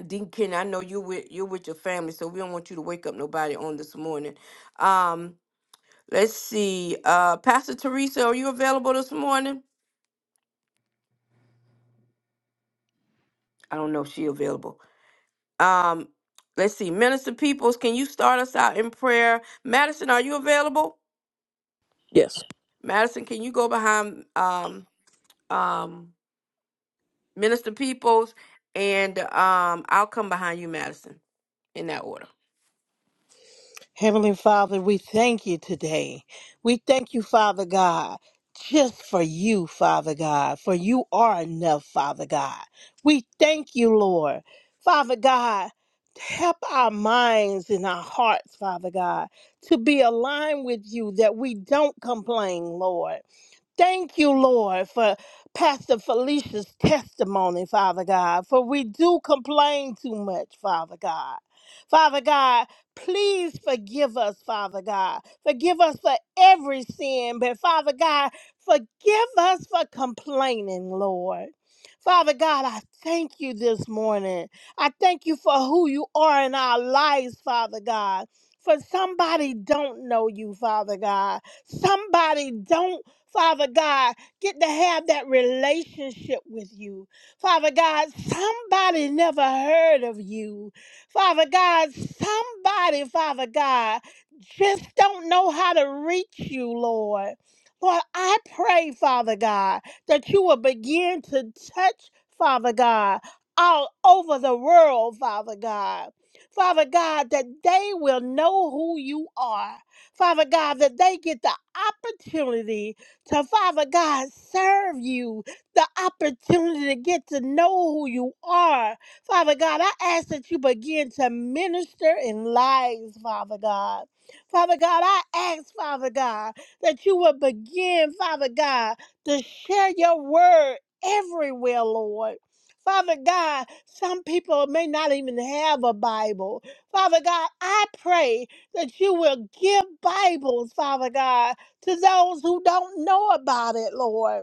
Speaker 1: Deacon, I know you with you're with your family, so we don't want you to wake up nobody on this morning. Um, let's see. Uh Pastor Teresa, are you available this morning? I don't know if she's available. Um, let's see. Minister Peoples, can you start us out in prayer? Madison, are you available?
Speaker 6: Yes.
Speaker 1: Madison, can you go behind um um Minister Peoples and um I'll come behind you, Madison, in that order.
Speaker 7: Heavenly Father, we thank you today. We thank you, Father God, just for you, Father God, for you are enough, Father God. We thank you, Lord. Father God, help our minds and our hearts, Father God, to be aligned with you that we don't complain, Lord. Thank you, Lord, for Pastor Felicia's testimony, Father God, for we do complain too much, Father God. Father God, please forgive us, Father God. Forgive us for every sin, but Father God, forgive us for complaining, Lord. Father God, I thank you this morning. I thank you for who you are in our lives, Father God. For somebody don't know you, Father God. Somebody don't Father God, get to have that relationship with you. Father God, somebody never heard of you. Father God, somebody, Father God, just don't know how to reach you, Lord. Lord, I pray, Father God, that you will begin to touch, Father God, all over the world, Father God. Father God, that they will know who you are. Father God, that they get the opportunity to Father God serve you the opportunity to get to know who you are. Father God, I ask that you begin to minister in lives, Father God. Father God, I ask, Father God, that you will begin, Father God, to share your word everywhere, Lord. Father God, some people may not even have a Bible. Father God, I pray that you will give Bibles, Father God, to those who don't know about it, Lord.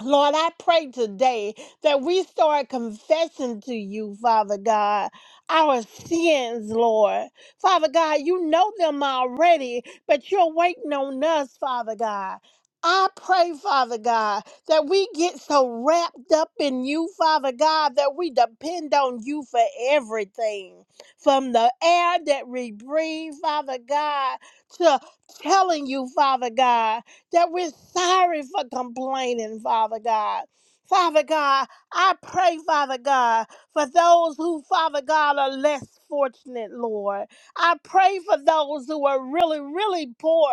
Speaker 7: Lord, I pray today that we start confessing to you, Father God, our sins, Lord. Father God, you know them already, but you're waiting on us, Father God. I pray, Father God, that we get so wrapped up in you, Father God, that we depend on you for everything. From the air that we breathe, Father God, to telling you, Father God that we're sorry for complaining, Father God. Father God, I pray, Father God, for those who, Father God, are less fortunate, Lord. I pray for those who are really, really poor.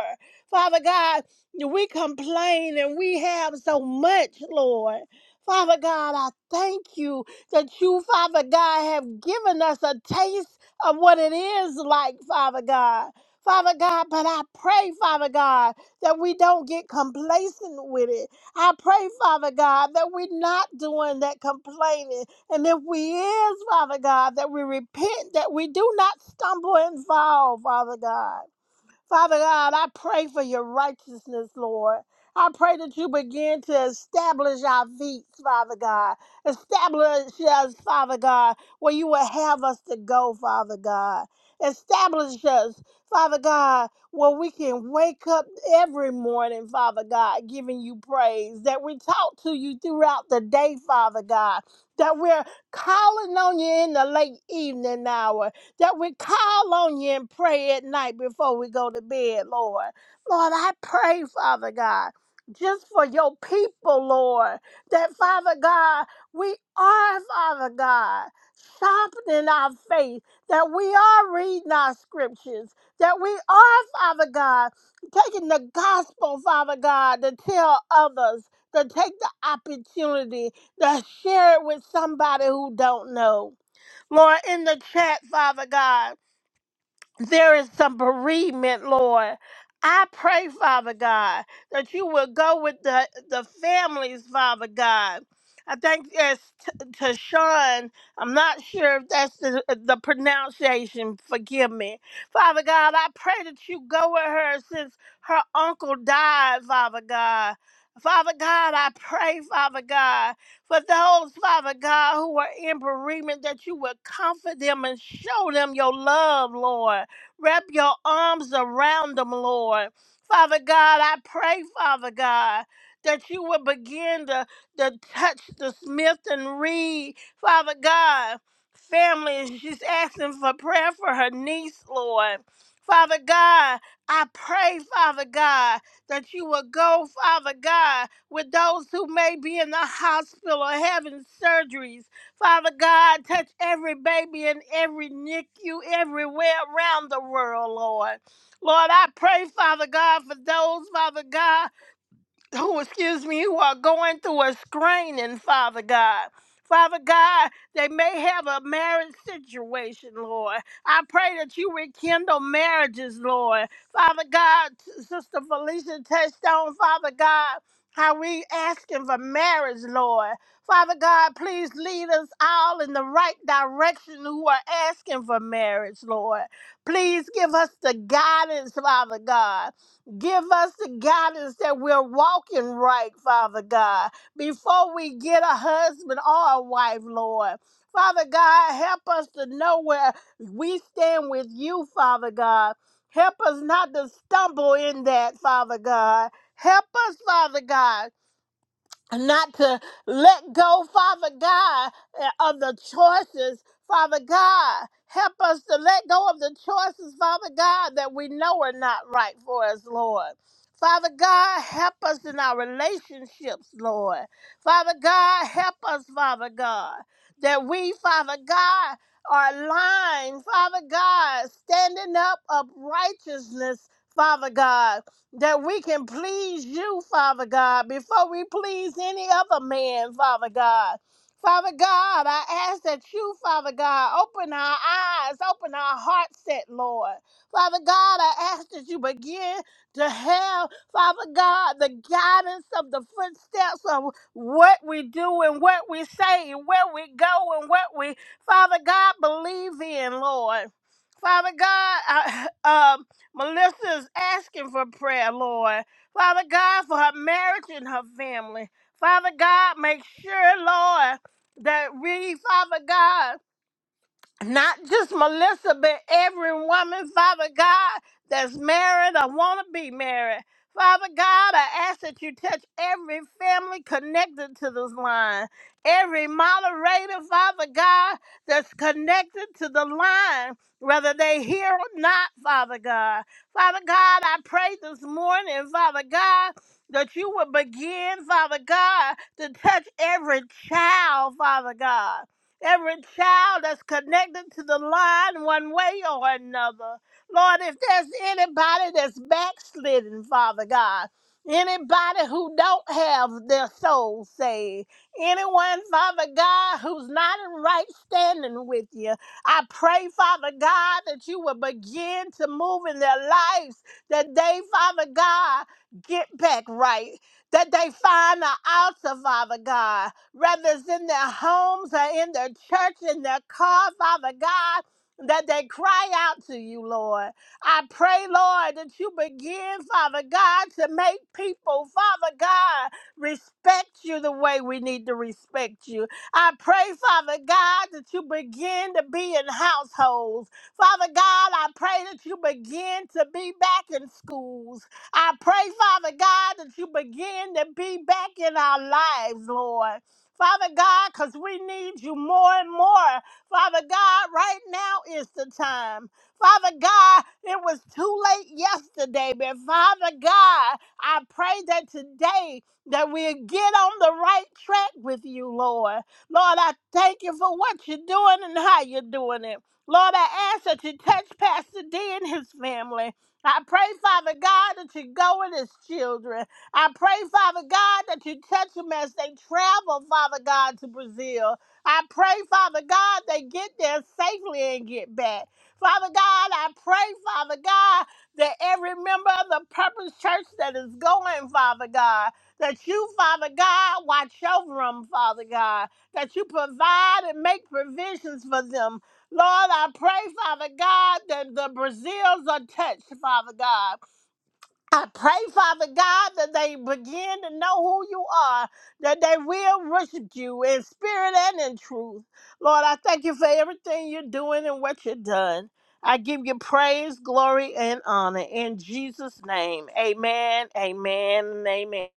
Speaker 7: Father God, we complain and we have so much, Lord. Father God, I thank you that you, Father God, have given us a taste of what it is like, Father God. Father God, but I pray, Father God that we don't get complacent with it. I pray, Father God, that we're not doing that complaining. And if we is, Father God, that we repent, that we do not stumble and fall, Father God. Father God, I pray for your righteousness, Lord. I pray that you begin to establish our feet, Father God. Establish us, Father God, where you will have us to go, Father God. Establish us, Father God, where we can wake up every morning, Father God, giving you praise. That we talk to you throughout the day, Father God. That we're calling on you in the late evening hour that we call on you and pray at night before we go to bed, Lord. Lord, I pray, Father God, just for your people, Lord, that Father God, we are, Father God, sharpening our faith, that we are reading our scriptures, that we are, Father God, taking the gospel, Father God, to tell others, to take the opportunity to share it with somebody who don't know. Lord, in the chat, Father God there is some bereavement, Lord. I pray, Father God, that you will go with the, the families, Father God. I think there's T- Tashawn. I'm not sure if that's the, the pronunciation. Forgive me. Father God, I pray that you go with her since her uncle died, Father God. Father God, I pray, Father God, for those, Father God, who are in bereavement, that you will comfort them and show them your love, Lord. Wrap your arms around them, Lord. Father God, I pray, Father God, that you will begin to, to touch the Smith and Reed, Father God. Family, she's asking for prayer for her niece, Lord. Father God, I pray, Father God, that you will go, Father God, with those who may be in the hospital or having surgeries. Father God, touch every baby in every NICU everywhere around the world, Lord. Lord, I pray, Father God, for those, Father God who, excuse me, who are going through a screening, Father God. Father God, they may have a marriage situation, Lord. I pray that you rekindle marriages, Lord. Father God, Sister Felicia touched on, Father God, how we asking for marriage, Lord. Father God, please lead us all in the right direction who are asking for marriage, Lord. Please give us the guidance, Father God. Give us the guidance that we're walking right, Father God, before we get a husband or a wife, Lord. Father God, help us to know where we stand with you, Father God. Help us not to stumble in that, Father God. Help us, Father God not to let go, Father God, eh, of the choices. Father God, help us to let go of the choices, Father God, that we know are not right for us, Lord. Father God, help us in our relationships, Lord. Father God, help us, Father God, that we, Father God, are aligned, Father God, standing up of righteousness, Father God that we can please you, Father God, before we please any other man, Father God. Father God, I ask that you, Father God, open our eyes, open our heart set, Lord. Father God, I ask that you begin to have, Father God, the guidance of the footsteps of what we do and what we say and where we go and what we, Father God, believe in, Lord. Father God, I, *laughs* um, Melissa is asking for prayer, Lord. Father God, for her marriage and her family. Father God, make sure, Lord, that we, Father God, not just Melissa, but every woman, Father God, that's married or want to be married. Father God, I ask that you touch every family connected to this line, every moderator, Father God, that's connected to the line, whether they hear or not, Father God. Father God, I pray this morning, Father God, that you would begin, Father God, to touch every child, Father God every child that's connected to the line one way or another. Lord, if there's anybody that's backslidden, Father God, anybody who don't have their soul saved, anyone, Father God, who's not in right standing with you, I pray, Father God, that you will begin to move in their lives, that they, Father God, get back right, that they find the altar, Father God, whether it's in their homes or in their church, in their car, Father God, that they cry out to you, Lord. I pray, Lord, that you begin, Father God, to make people, Father God, respect you the way we need to respect you. I pray, Father God, that you begin to be in households. Father God, I pray that you begin to be back in schools. I pray, Father God, that you begin to be back in our lives, Lord. Father God, because we need you more and more. Father God, right now is the time. Father God, it was too late yesterday, but Father God, I pray that today that we get on the right track with you, Lord. Lord, I thank you for what you're doing and how you're doing it. Lord, I ask that you touch Pastor D and his family. I pray, Father God, that you go with his children. I pray, Father God, that you touch them as they travel, Father God, to Brazil. I pray, Father God, they get there safely and get back. Father God, I pray, Father God, that every member of the Purpose Church that is going, Father God, that you, Father God, watch over them, Father God, that you provide and make provisions for them. Lord, I pray, Father God, that the Brazils are touched, Father God. I pray, Father God, that they begin to know who you are, that they will worship you in spirit and in truth. Lord, I thank you for everything you're doing and what you've done. I give you praise, glory, and honor in Jesus' name. Amen, amen, and amen.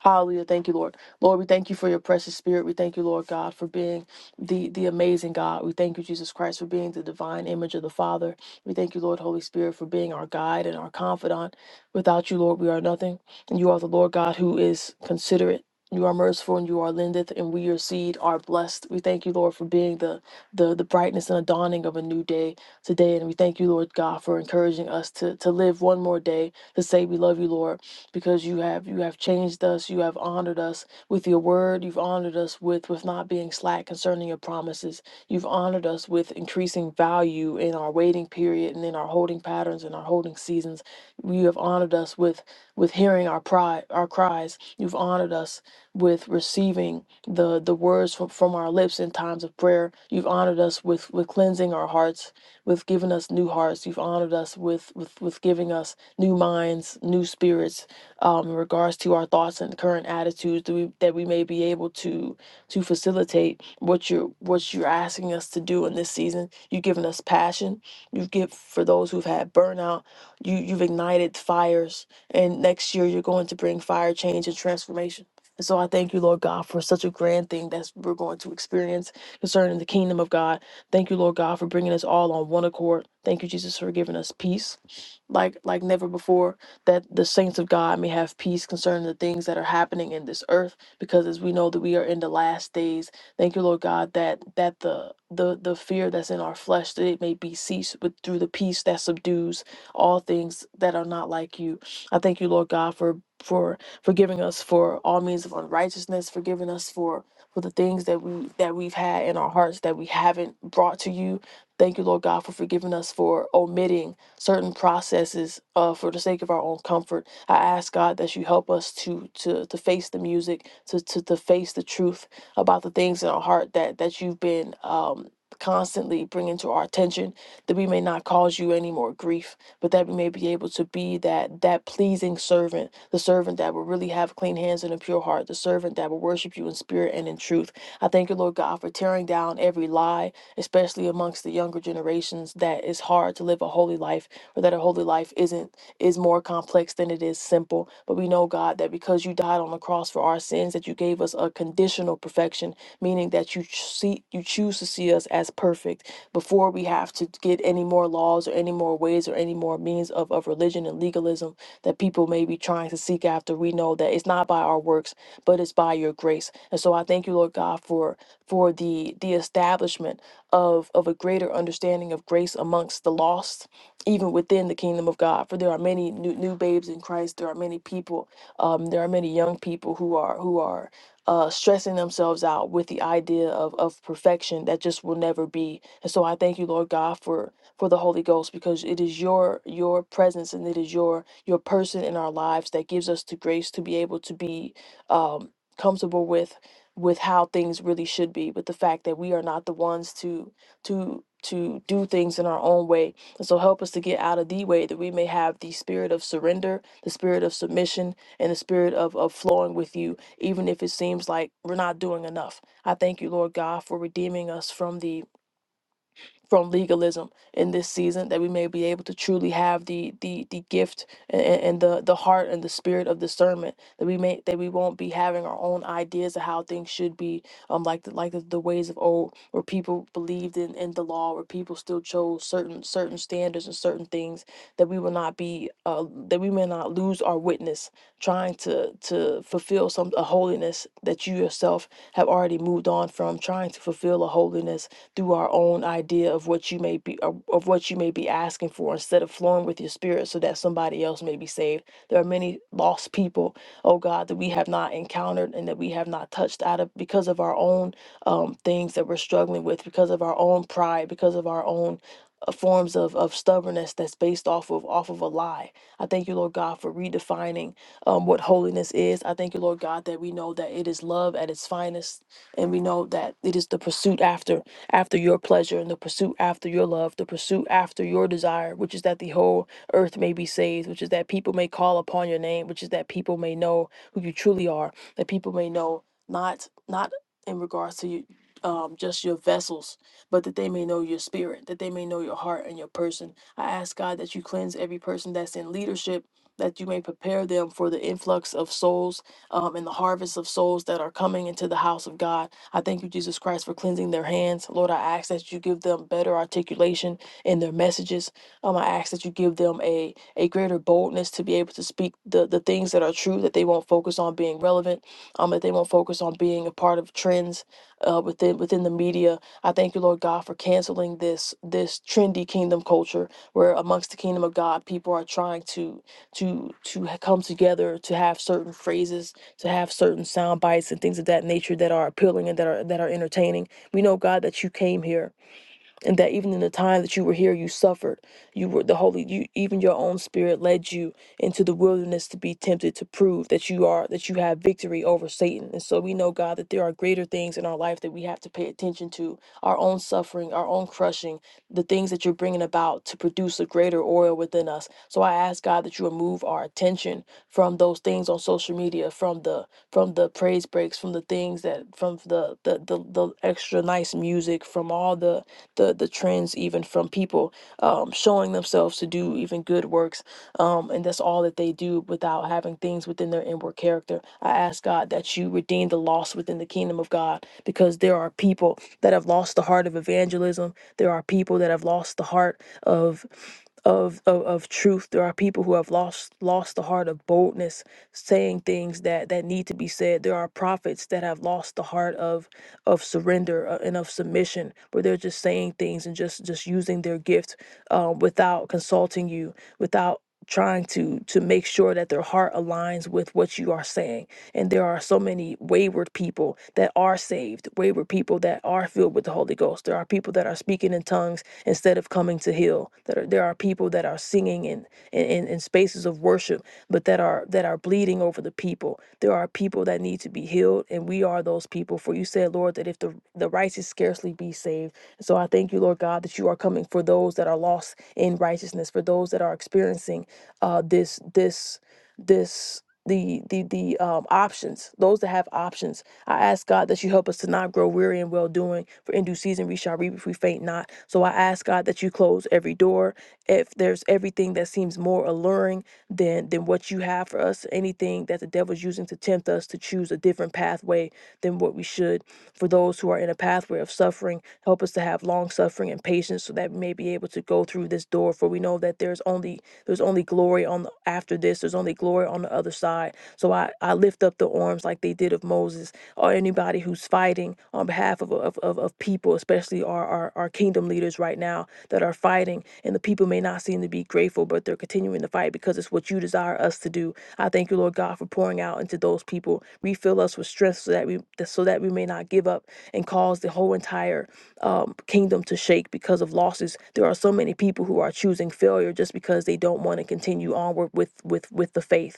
Speaker 6: Hallelujah. Thank you, Lord. Lord, we thank you for your precious spirit. We thank you, Lord God, for being the, the amazing God. We thank you, Jesus Christ, for being the divine image of the Father. We thank you, Lord, Holy Spirit, for being our guide and our confidant. Without you, Lord, we are nothing. And you are the Lord God who is considerate. You are merciful and you are lendeth, and we, your seed, are blessed. We thank you, Lord, for being the, the the brightness and the dawning of a new day today. And we thank you, Lord God, for encouraging us to, to live one more day, to say we love you, Lord. because you have you have changed us you have honored us with your word you've honored us with with not being slack concerning your promises you've honored us with increasing value in our waiting period and in our holding patterns and our holding seasons you have honored us with with hearing our pri our cries you've honored us with receiving the the words from, from our lips in times of prayer you've honored us with with cleansing our hearts with giving us new hearts you've honored us with with with giving us new minds new spirits um, in regards to our thoughts and current attitudes that we, that we may be able to to facilitate what you're what you're asking us to do in this season. You've given us passion. You've given for those who've had burnout. You you've ignited fires, and next year you're going to bring fire change and transformation. And so I thank you, Lord God, for such a grand thing that we're going to experience concerning the kingdom of God. Thank you, Lord God, for bringing us all on one accord. Thank you, Jesus, for giving us peace like like never before that the saints of God may have peace concerning the things that are happening in this earth, because as we know that we are in the last days. Thank you, Lord God, that that the the the fear that's in our flesh that it may be ceased with through the peace that subdues all things that are not like you. I thank you, Lord God, for for forgiving us for all means of unrighteousness, forgiving us for for the things that we that we've had in our hearts that we haven't brought to you. Thank you, Lord God, for forgiving us for omitting certain processes uh, for the sake of our own comfort. I ask God that you help us to to to face the music, to to, to face the truth about the things in our heart that that you've been um, constantly bringing to our attention, that we may not cause you any more grief, but that we may be able to be that that pleasing servant, the servant that will really have clean hands and a pure heart, the servant that will worship you in spirit and in truth. I thank you, Lord God, for tearing down every lie, especially amongst the younger generations, that it's hard to live a holy life or that a holy life isn't is more complex than it is simple. But we know, God, that because you died on the cross for our sins, that you gave us a conditional perfection, meaning that you ch- see you choose to see us as perfect before we have to get any more laws or any more ways or any more means of, of religion and legalism that people may be trying to seek after. We know that it's not by our works, but it's by your grace. And so I thank you, Lord God, for for the the establishment of of a greater understanding of grace amongst the lost even within the kingdom of God. For there are many new, new babes in Christ. There are many people. Um, there are many young people who are who are uh, stressing themselves out with the idea of of perfection that just will never be. And so I thank you, Lord God, for for the Holy Ghost because it is your your presence and it is your your person in our lives that gives us the grace to be able to be um, comfortable with with how things really should be with the fact that we are not the ones to to to do things in our own way so help us to get out of the way that we may have the spirit of surrender, the spirit of submission, and the spirit of, of flowing with you, even if it seems like we're not doing enough. I thank you, Lord God, for redeeming us from the from legalism in this season that we may be able to truly have the the the gift and, and the the heart and the spirit of discernment that we may that we won't be having our own ideas of how things should be um like the, like the, the ways of old where people believed in in the law where people still chose certain certain standards and certain things that we will not be uh that we may not lose our witness trying to to fulfill some a holiness that you yourself have already moved on from trying to fulfill a holiness through our own idea of what you may be of of what you may be asking for instead of flowing with your spirit so that somebody else may be saved there are many lost people oh god that we have not encountered and that we have not touched out of because of our own um, things that we're struggling with because of our own pride because of our own uh, forms of, of stubbornness that's based off of off of a lie i thank you lord god for redefining um, what holiness is i thank you lord god that we know that it is love at its finest and we know that it is the pursuit after after your pleasure and the pursuit after your love, the pursuit after your desire, which is that the whole earth may be saved, which is that people may call upon your name, which is that people may know who you truly are, that people may know not not in regards to you, um, just your vessels, but that they may know your spirit, that they may know your heart and your person. I ask God that you cleanse every person that's in leadership, that you may prepare them for the influx of souls um, and the harvest of souls that are coming into the house of God. I thank you, Jesus Christ, for cleansing their hands. Lord, I ask that you give them better articulation in their messages. Um, I ask that you give them a, a greater boldness to be able to speak the, the things that are true, that they won't focus on being relevant, um, that they won't focus on being a part of trends uh, within within the media. I thank you, Lord God, for canceling this this trendy kingdom culture where amongst the kingdom of God, people are trying to to to ha- come together to have certain phrases to have certain sound bites and things of that nature that are appealing and that are that are entertaining. We know God that you came here and that even in the time that you were here you suffered you were the holy you even your own spirit led you into the wilderness to be tempted to prove that you are that you have victory over satan and so we know god that there are greater things in our life that we have to pay attention to our own suffering our own crushing the things that you're bringing about to produce a greater oil within us so i ask god that you remove our attention from those things on social media from the from the praise breaks from the things that from the the the, the extra nice music from all the the the trends even from people um, showing themselves to do even good works. Um, and that's all that they do without having things within their inward character. I ask God that you redeem the lost within the kingdom of God because there are people that have lost the heart of evangelism. There are people that have lost the heart of. Of, of, of truth there are people who have lost lost the heart of boldness saying things that that need to be said there are prophets that have lost the heart of of surrender uh, and of submission where they're just saying things and just just using their gift uh, without consulting you, without trying to to make sure that their heart aligns with what you are saying and there are so many wayward people that are saved wayward people that are filled with the holy ghost there are people that are speaking in tongues instead of coming to heal there are, there are people that are singing in, in in in spaces of worship but that are that are bleeding over the people. There are people that need to be healed, and we are those people. For you said, Lord, that if the the righteous scarcely be saved, so I thank you, Lord God, that you are coming for those that are lost in righteousness, for those that are experiencing uh, this this this the the the um, options those that have options i ask god that you help us to not grow weary in well doing for in due season we shall reap if we faint not so i ask god that you close every door if there's everything that seems more alluring than than what you have for us anything that the devil's using to tempt us to choose a different pathway than what we should good for those who are in a pathway of suffering. Help us to have long suffering and patience so that we may be able to go through this door. For we know that there's only there's only glory on the, after this. There's only glory on the other side. So I, I lift up the arms like they did of Moses or anybody who's fighting on behalf of of, of, of people, especially our, our our kingdom leaders right now that are fighting and the people may not seem to be grateful, but they're continuing to fight because it's what you desire us to do. I thank you, Lord God, for pouring out into those people. Refill us with strength so that we so that we may not give up and cause the whole entire um, kingdom to shake because of losses. There are so many people who are choosing failure just because they don't want to continue onward with with with the faith.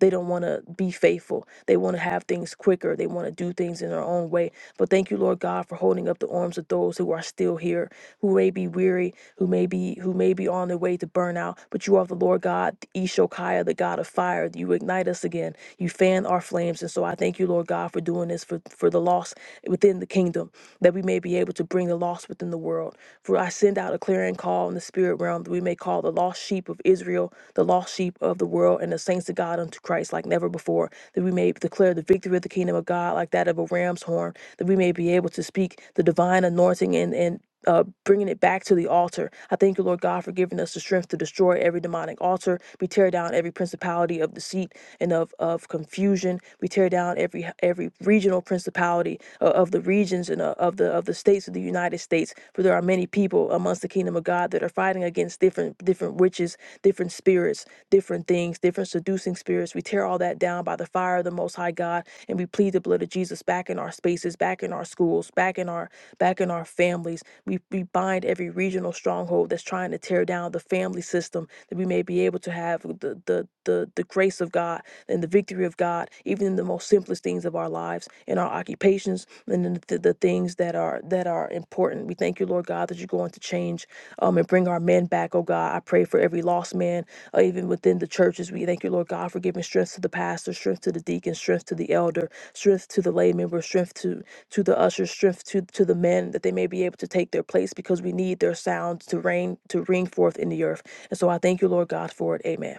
Speaker 6: They don't want to be faithful. They want to have things quicker. They want to do things in their own way. But thank you, Lord God, for holding up the arms of those who are still here, who may be weary, who may be who may be on their way to burnout. But you are the Lord God, the Ishokiah, the God of fire. You ignite us again. You fan our flames. And so I thank you, Lord God, for doing this for, for the lost within the kingdom that we may be able to bring the lost within the world. For I send out a clearing call in the spirit realm that we may call the lost sheep of Israel, the lost sheep of the world, and the saints of God unto Christ like never before, that we may declare the victory of the kingdom of God like that of a ram's horn, that we may be able to speak the divine anointing and, and uh, bringing it back to the altar. I thank you, Lord God, for giving us the strength to destroy every demonic altar. We tear down every principality of deceit and of, of confusion. We tear down every every regional principality uh, of the regions and uh, of the of the states of the United States. For there are many people amongst the kingdom of God that are fighting against different different witches, different spirits, different things, different seducing spirits. We tear all that down by the fire of the Most High God, and we plead the blood of Jesus back in our spaces, back in our schools, back in our back in our families. We, we bind every regional stronghold that's trying to tear down the family system that we may be able to have the, the, the, the grace of God and the victory of God, even in the most simplest things of our lives, in our occupations, and in the, the things that are that are important. We thank you, Lord God, that you're going to change um, and bring our men back, oh God. I pray for every lost man, uh, even within the churches. We thank you, Lord God, for giving strength to the pastor, strength to the deacon, strength to the elder, strength to the lay member, strength to to the ushers, strength to, to the men, that they may be able to take their place because we need their sound to reign to ring forth in the earth. And so I thank you, Lord God, for it. Amen.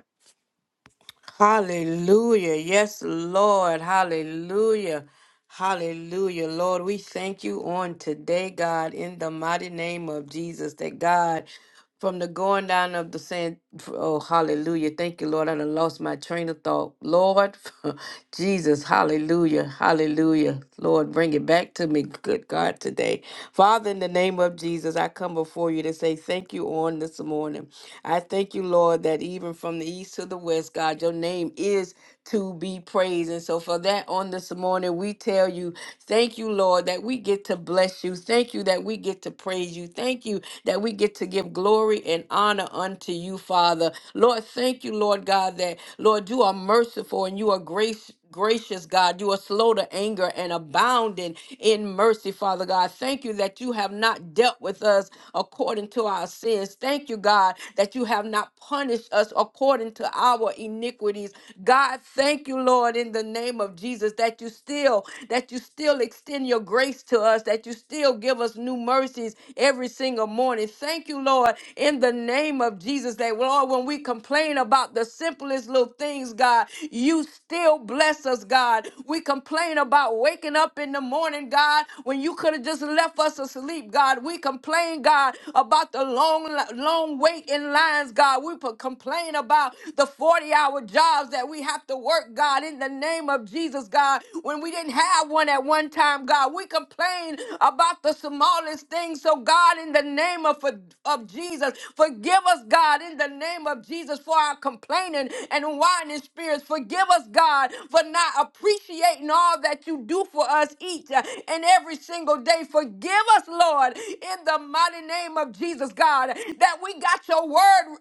Speaker 1: Hallelujah. Yes, Lord. Hallelujah. Hallelujah. Lord, we thank you on today, God, in the mighty name of Jesus, that God, from the going down of the sand, oh, hallelujah. Thank you, Lord. I done lost my train of thought. Lord, *laughs* Jesus, hallelujah. Hallelujah. Lord, bring it back to me, good God, today. Father, in the name of Jesus, I come before you to say thank you on this morning. I thank you, Lord, that even from the east, east to the west, God. Your name is to be praised. And so for that on this morning, we tell you, thank you, Lord, that we get to bless you. Thank you that we get to praise you. Thank you that we get to give glory and honor unto you, Father. Lord, thank you, Lord God, that Lord, you are merciful and you are gracious gracious God. You are slow to anger and abounding in mercy, Father God. Thank you that you have not dealt with us according to our sins. Thank you, God, that you have not punished us according to our iniquities. God, thank you, Lord, in the name of Jesus, that you still, that you still extend your grace to us, that you still give us new mercies every single morning. Thank you, Lord, in the name of Jesus, that Lord, when we complain about the simplest little things, God, you still still bless us, God. We complain about waking up in the morning, God, when you could have just left us asleep, God. We complain, God, about the long, long wait in lines, God. We p- complain about the 40 hour jobs that we have to work, God, in the name of Jesus, God, when we didn't have one at one time, God. We complain about the smallest things. So, God, in the name of, of Jesus, forgive us, God, in the name of Jesus, for our complaining and whining spirits. Forgive forgive us, God, for not appreciating all that you do for us each and every single day. Forgive us, Lord, in the mighty name of Jesus, God, that we got your word.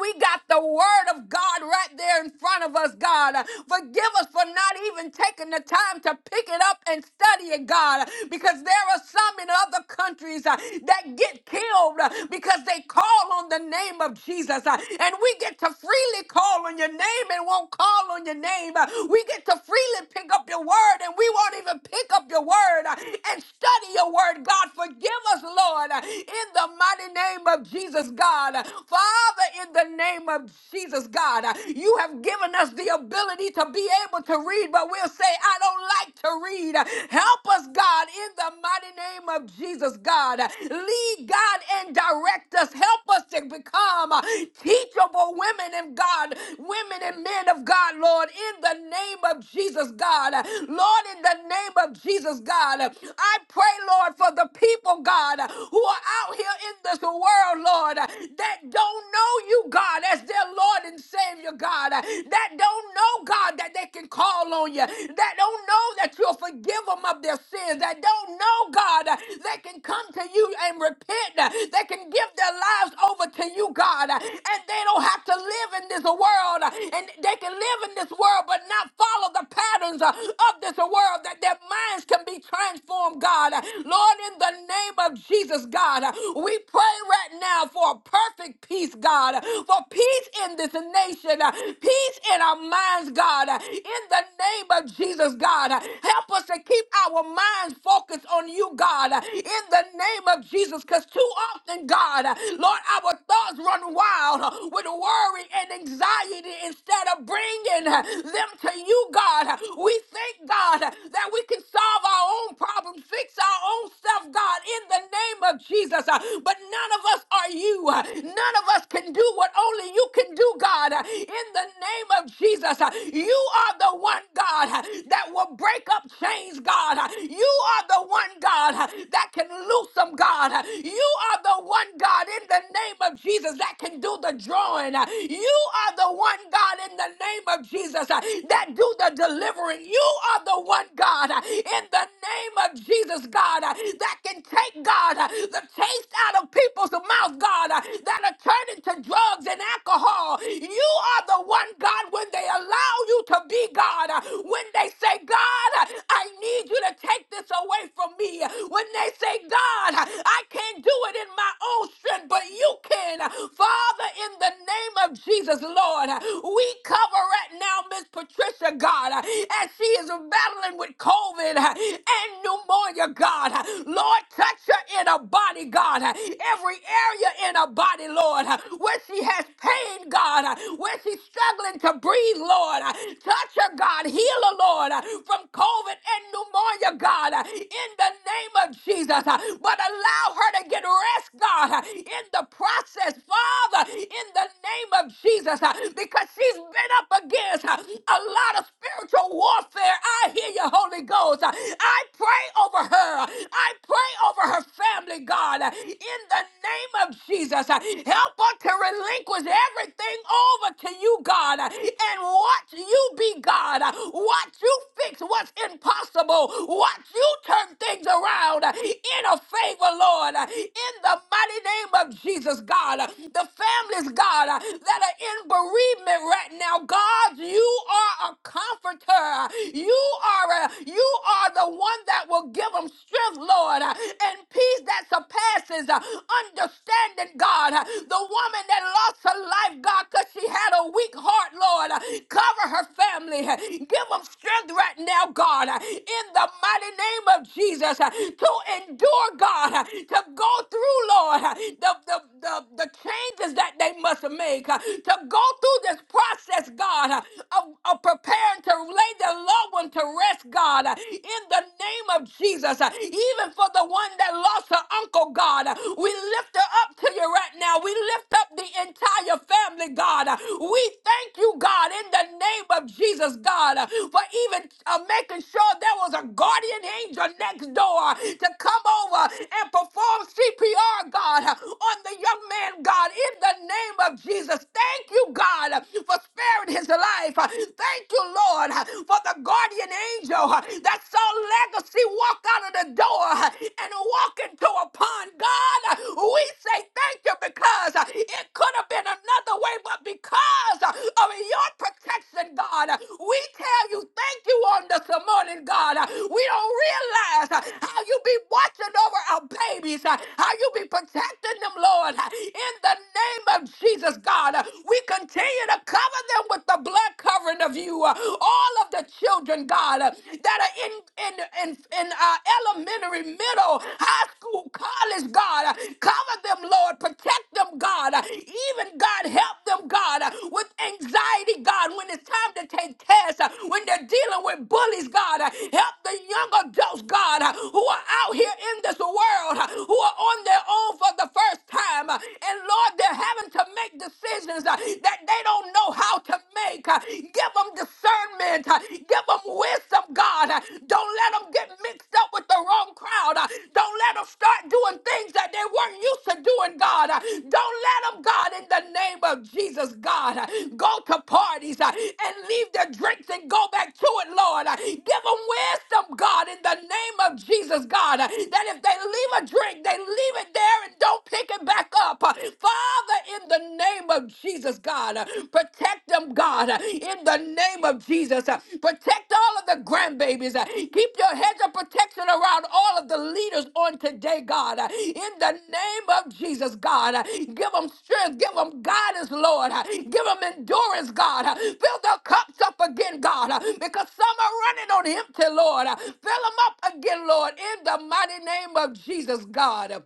Speaker 1: We got the word of God right there in front of us, God. Forgive us for not even taking the time to pick it up and study it, God, because there are some in other countries uh, that get killed uh, because they call on the name of Jesus. uh, and we get to freely call on your name and won't call call on your name. Uh, We get to freely pick up your word and we won't even pick up your word uh, and study your word. God, forgive us, Lord, uh, in the mighty name of Jesus, God. Uh, Father, in the name of Jesus, God, uh, you have given us the ability to be able to read, but we'll say, I don't like to read. Uh, Help us, God, in the mighty name of Jesus, God. Uh, Lead, God, and direct us. Help us to become uh, teachable women and God, women and men men of God, Lord, in the name of Jesus, God. Lord, in the name of Jesus, God, I pray, Lord, for the people, God, who are out here in this world, Lord, that don't know you, God, as their Lord and Savior, God, that don't know, God, that they can call on you, that don't know that you'll forgive them of their sins, that don't know, God, they can come to you and repent, they can give their lives over to you, God, and they don't have to live in this world uh, and they can live in this world but not follow the patterns uh, of this world that their minds can be transformed, God. Uh, Lord, in the name of Jesus, God, uh, we pray right now for a perfect peace, God, uh, for peace in this nation, uh, peace in our minds, God, uh, in the name of Jesus, God. Uh, Help us to keep our minds focused on you, God, uh, in the name of Jesus, because too often, God, uh, Lord, our thoughts run wild uh, with worry and anxiety anxiety instead of bringing uh, them to you, God. We thank God uh, that we can solve our own problems, fix our own stuff, God, in the name of Jesus. Uh, But none of us are you. Uh, None of us can do what only you can do, God, Uh, in the name of Jesus. uh, You are the one, God, uh, that will break up chains, God. Uh, You are the one, God, uh, that can loose them, God. Uh, You are the one, God, in the name of Jesus, that can do the drawing. Uh, You you are the one God in the name of Jesus uh, that do the delivering. You are the one God uh, in the name of Jesus, God, uh, that can take God uh, the taste out of people's mouth, God, uh, that are turning to drugs and alcohol. You are the one God when they allow you to be God, uh, when they say, God, uh, I need you to take this away from me, uh, when they say, God, uh, I can't do it in my own strength, but you can. uh, Father, in the name name of Jesus, Lord, we cover right now Miss Patricia, God, as she is battling with COVID and pneumonia, God. Lord, touch her in her body, God. Every area in her body, Lord, where she has pain, God, where she's struggling to breathe, Lord. Touch her, God. Heal her, Lord, from COVID and pneumonia, God, in the name of Jesus. But allow her to get rest, God, in the process, Father, in in the name of Jesus uh, because she's been up against uh, a lot of spiritual warfare. I hear you, Holy Ghost. Uh, I pray over her. I pray over her family, God, uh, in the name of Jesus. Uh, Help her to relinquish everything over to you, God, uh, and watch you be God. Uh, Watch you fix what's impossible. Watch you turn things around uh, in a favor, Lord, uh, in the mighty name of Jesus, God. Uh, The families, God, uh, that are in bereavement right now. God, you are a comforter. You are a, you are the one that will give them strength, Lord, uh, and peace that surpasses uh, understanding, God. Uh, The woman that lost her life, God, because she had a weak heart, Lord. uh, Cover her family. uh, Give them strength right now, God, uh, in the mighty name of Jesus, uh, to endure, God, uh, to go through, Lord, uh, the, the, the, the changes that they must make, uh, to go through this process, God, uh, of, of preparing to lay their loved one to rest, God, uh, in the name of Jesus. uh, Even for the one that lost her uncle, God, uh, we lift her up to you right now. We lift up the entire family, God. uh, We thank you, God, in the name of Jesus, God, uh, for even uh, making sure there was a guardian angel next door to come over and perform CPR, God, uh, on the young man, God, in the name of Jesus. Thank you, God, for sparing his life. Thank you, Lord, for the guardian angel that saw legacy walk out of the door and walk into a pond. God, we say thank you because it could have been another way, but because of your protection, God, we tell you thank you on this morning, God. We don't realize how you be watching over our babies, how you be protecting them, Lord. In the name of Jesus, God, we continue to cover them with the blood covering of you. All of the children, God, that are in in in, in uh, elementary, middle, high school, college, God, cover them, Lord. Protect them, God. Even God, help them, God, with anxiety, God, when it's time to take tests, when they're dealing with bullies, God, help the young adults, God, who are out here in this world, who are on their own for the the first time. Uh, And Lord, they're having to make decisions uh, that they don't know how to make. Uh, Give them discernment. Uh, Give them wisdom, God. Uh, Don't let them get mixed up with the wrong crowd. Uh, Don't let them start doing things that they weren't used to doing, God. Uh, Don't let them, God. God, in the name of Jesus, God, uh, go to parties uh, and leave their drinks and go back to it, Lord. Uh, Give them wisdom, God, in the name of Jesus, God, uh, that if they leave a drink, they leave it there and don't pick it back up. Uh, Father, in the name of Jesus, God, uh, protect them, God, uh, in the name of Jesus. uh, Protect Protect all of the grandbabies. Uh, Keep your hedge of protection around all of the leaders on today, God. Uh, In the name of Jesus, God. Uh, Give them strength. Give them guidance, Lord. Uh, Give them endurance, God. Uh, Fill their cups up again, God, uh, because some are running on empty, Lord. Uh, Fill them up again, Lord, in the mighty name of Jesus, God.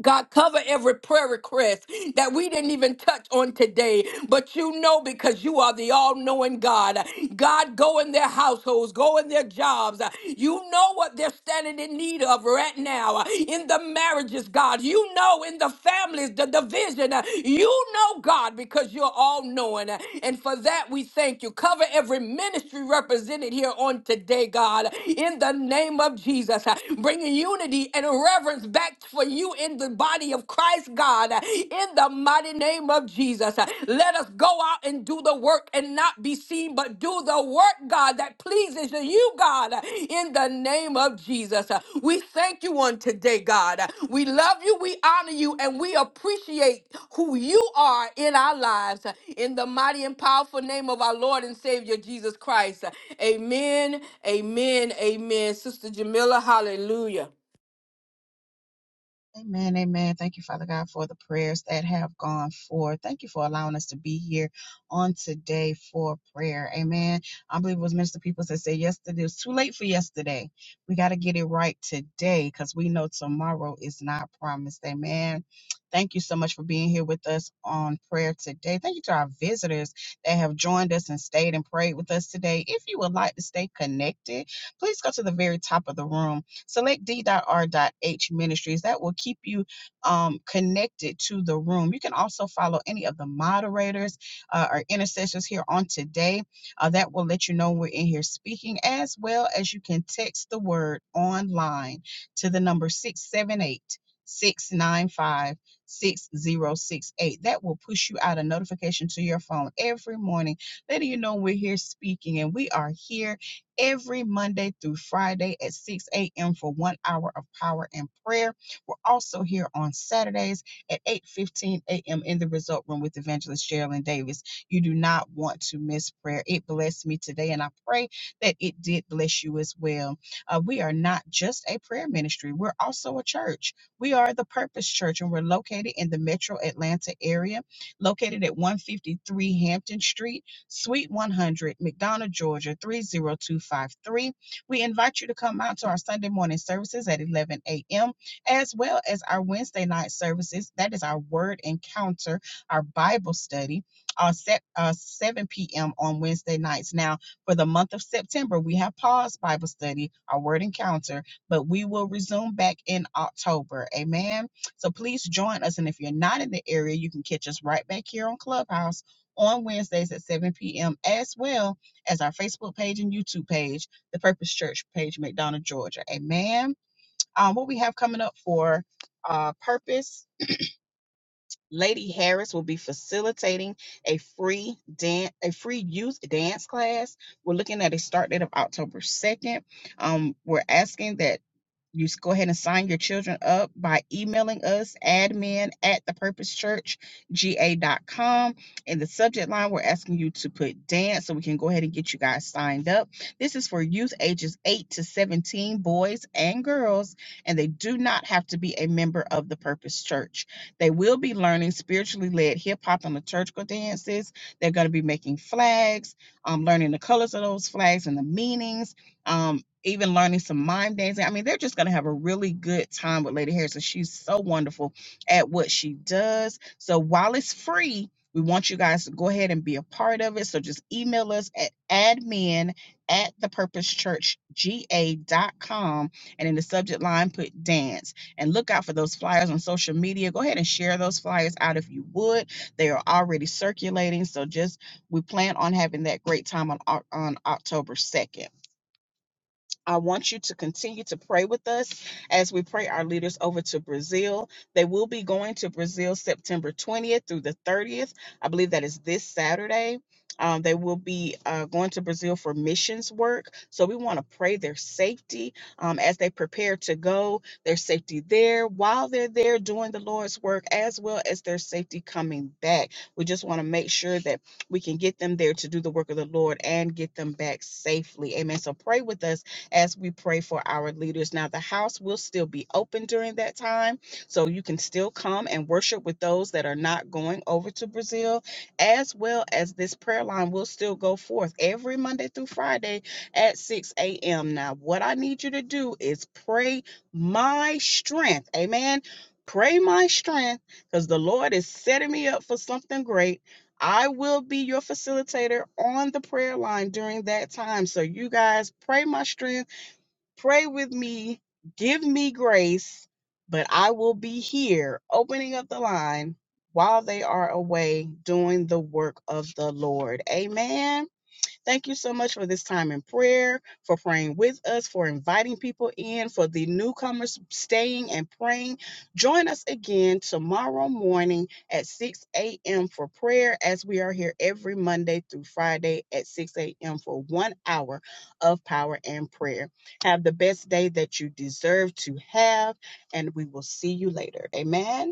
Speaker 1: God, cover every prayer request that we didn't even touch on today, but you know because you are the all knowing God. God, go in their households, go in their jobs. You know what they're standing in need of right now in the marriages, God. You know in the families, the division. You know, God, because you're all knowing. And for that, we thank you. Cover every ministry represented here on today, God, in the name of Jesus, bringing unity and reverence us back for you in the body of Christ, God, in the mighty name of Jesus. Let us go out and do the work and not be seen, but do the work, God, that pleases you, God, in the name of Jesus. We thank you on today, God. We love you, we honor you, and we appreciate who you are in our lives. In the mighty and powerful name of our Lord and Savior Jesus Christ. Amen, amen, amen. Sister Jamila, hallelujah.
Speaker 3: Amen, amen. Thank you, Father God, for the prayers that have gone forth. Thank you for allowing us to be here on today for prayer. Amen. I believe it was Minister Peoples that said yesterday it was too late for yesterday. We got to get it right today because we know tomorrow is not promised. Amen. Thank you so much for being here with us on prayer today. Thank you to our visitors that have joined us and stayed and prayed with us today. If you would like to stay connected, please go to the very top of the room Select d.r.h ministries. That will keep you um, connected to the room. You can also follow any of the moderators uh, or intercessors here on today. Uh, that will let you know we're in here speaking, as well as you can text the word online to the number 678 695 6068. That will push you out a notification to your phone every morning, letting you know we're here speaking and we are here every Monday through Friday at 6 a.m. for one hour of power and prayer. We're also here on Saturdays at 8:15 a.m. in the Result Room with Evangelist Geraldine Davis. You do not want to miss prayer. It blessed me today, and I pray that it did bless you as well. Uh, we are not just a prayer ministry; we're also a church. We are the Purpose Church, and we're located in the Metro Atlanta area, located at 153 Hampton Street. Suite 100, McDonough, Georgia 30253. We invite you to come out to our Sunday morning services at 11 a.m., as well as our Wednesday night services. That is our word encounter, our Bible study, uh, set, uh, 7 p.m. on Wednesday nights. Now, for the month of September, we have paused Bible study, our word encounter, but we will resume back in October. Amen. So please join us. And if you're not in the area, you can catch us right back here on Clubhouse on Wednesdays at 7 p.m., as well as our Facebook page and YouTube page, the Purpose Church page, McDonough, Georgia. Amen. Um, what we have coming up for uh, Purpose. Lady Harris will be facilitating a free dance, a free youth dance class. We're looking at a start date of October 2nd. Um, we're asking that you s- go ahead and sign your children up by emailing us admin at thepurposechurchga.com. In the subject line, we're asking you to put dance so we can go ahead and get you guys signed up. This is for youth ages 8 to 17, boys and girls, and they do not have to be a member of the Purpose Church. They will be learning spiritually led hip hop and liturgical dances. They're going to be making flags, um, learning the colors of those flags and the meanings. um even learning some mime dancing. I mean, they're just going to have a really good time with Lady Harrison. She's so wonderful at what she does. So while it's free, we want you guys to go ahead and be a part of it. So just email us at admin at thepurposechurchga.com and in the subject line put dance and look out for those flyers on social media. Go ahead and share those flyers out if you would. They are already circulating. So just we plan on having that great time on Oc- on October 2nd. I want you to continue to pray with us as we pray our leaders over to Brazil. They will be going to Brazil September 20th through the 30th. I believe that is this Saturday. Um, they will be uh, going to Brazil for missions work. So we want to pray their safety um, as they prepare to go, their safety there while they're there doing the Lord's work, as well as their safety coming back. We just want to make sure that we can get them there to do the work of the Lord and get them back safely. Amen. So pray with us as we pray for our leaders. Now, the house will still be open during that time, so you can still come and worship with those that are not going over to Brazil, as well as this prayer line will still go forth every Monday through Friday at 6 a.m. Now, what I need you to do is pray my strength. Amen. Pray my strength because the Lord is setting me up for something great. I will be your facilitator on the prayer line during that time. So, you guys, pray my strength Pray with me. Give me grace, but I will be here opening up the line while they are away doing the work of the Lord. Amen. Thank you so much for this time in prayer, for praying with us, for inviting people in, for the newcomers staying and praying. Join us again tomorrow morning at 6 a.m. for prayer, as we are here every Monday through Friday at 6 a.m. for one hour of power and prayer. Have the best day that you deserve to have, and we will see you later. Amen.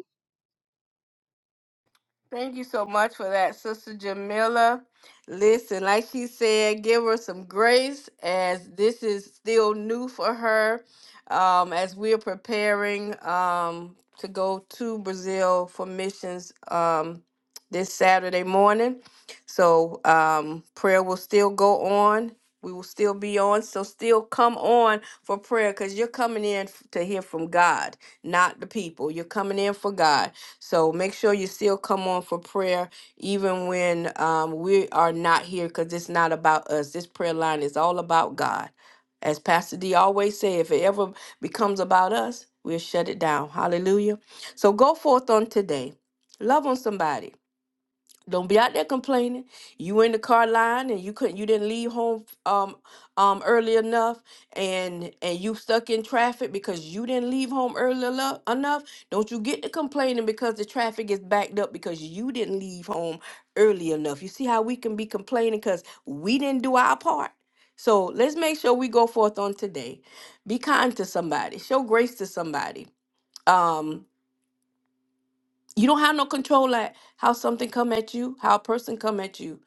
Speaker 1: Thank you so much for that, Sister Jamila. Listen, like she said, give her some grace as this is still new for her. Um, as we are preparing um, to go to Brazil for missions um, this Saturday morning. So um, prayer will still go on. We will still be on. So still come on for prayer because you're coming in f- to hear from God, not the people. You're coming in for God. So make sure you still come on for prayer, even when um, we are not here, because it's not about us. This prayer line is all about God. As Pastor D always say, if it ever becomes about us, we'll shut it down. Hallelujah. So go forth on today. Love on somebody don't be out there complaining. You in the car line and you couldn't you didn't leave home um um early enough and and you stuck in traffic because you didn't leave home early enough enough. Don't you get to complaining because the traffic is backed up because you didn't leave home early enough. You see how we can be complaining because we didn't do our part. So let's make sure we go forth on today. Be kind to somebody. Show grace to somebody. Um you don't have no control at how something come at you how a person come at you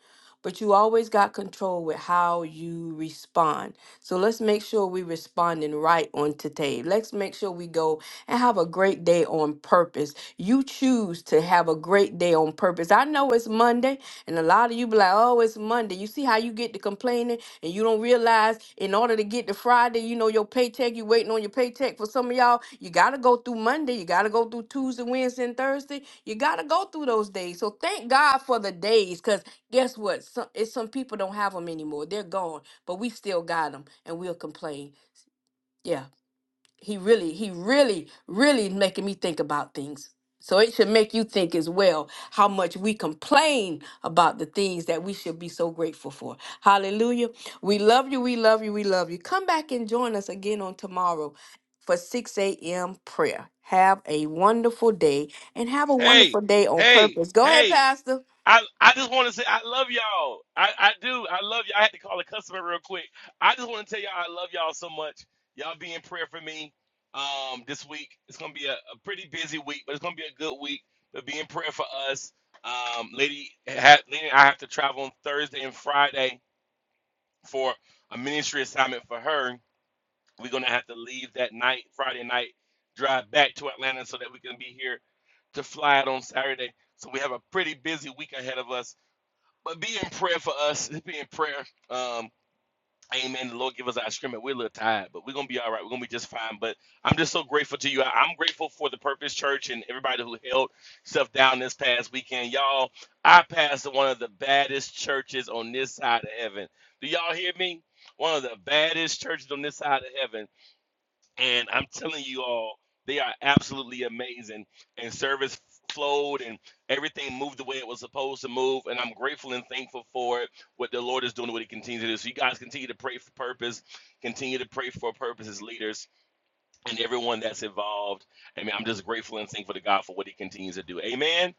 Speaker 1: but you always got control with how you respond so let's make sure we responding right on today let's make sure we go and have a great day on purpose you choose to have a great day on purpose i know it's monday and a lot of you be like oh it's monday you see how you get to complaining and you don't realize in order to get to Friday, you know, your paycheck, you waiting on your paycheck for some of y'all, you gotta go through Monday, you gotta go through Tuesday, Wednesday, and Thursday. You gotta go through those days. So thank God for the days, because guess what? Some it's some people don't have them anymore. They're gone, but we still got them and we'll complain. Yeah he really he really really making me think about things so it should make you think as well how much we complain about the things that we should be so grateful for hallelujah we love you we love you we love you come back and join us again on tomorrow for 6 a.m prayer have a wonderful day and have a
Speaker 4: hey
Speaker 1: wonderful day on
Speaker 4: hey
Speaker 1: purpose go ahead
Speaker 4: hey
Speaker 1: pastor
Speaker 4: I, I just want to say I love y'all. I, I do. I love you. all I had to call a customer real quick. I just want to tell y'all I love y'all so much. Y'all be in prayer for me um, this week. It's going to be a, a pretty busy week, but it's going to be a good week. But be in prayer for us. Um, Lady, ha, Lady, and I have to travel on Thursday and Friday for a ministry assignment for her. We're going to have to leave that night, Friday night, drive back to Atlanta so that we can be here to fly out on Saturday. So we have a pretty busy week ahead of us but be in prayer for us. Be in prayer. Um, amen. The Lord give us our strength. We're a little tired, but we're gonna be all right. We're gonna be just fine. But I'm just so grateful to you. I- I'm grateful for the Purpose Church and everybody who held stuff down this past weekend. Y'all, I passed one of the baddest churches on this side of heaven. Do y'all hear me? One of the baddest churches on this side of heaven and I'm telling you all, they are absolutely amazing. And service flowed and everything moved the way it was supposed to move. And I'm grateful and thankful for it, what the Lord is doing, what He continues to do. So, you guys continue to pray for purpose, continue to pray for purpose as leaders and everyone that's involved. I mean, I'm just grateful and thankful to God for what He continues to do. Amen.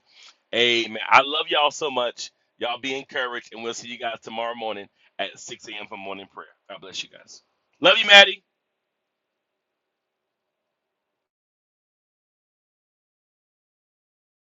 Speaker 4: Amen. I love y'all so much. Y'all be encouraged, and we'll see you guys tomorrow morning at 6 a.m. for morning prayer. God bless you guys. Love you, Maddie.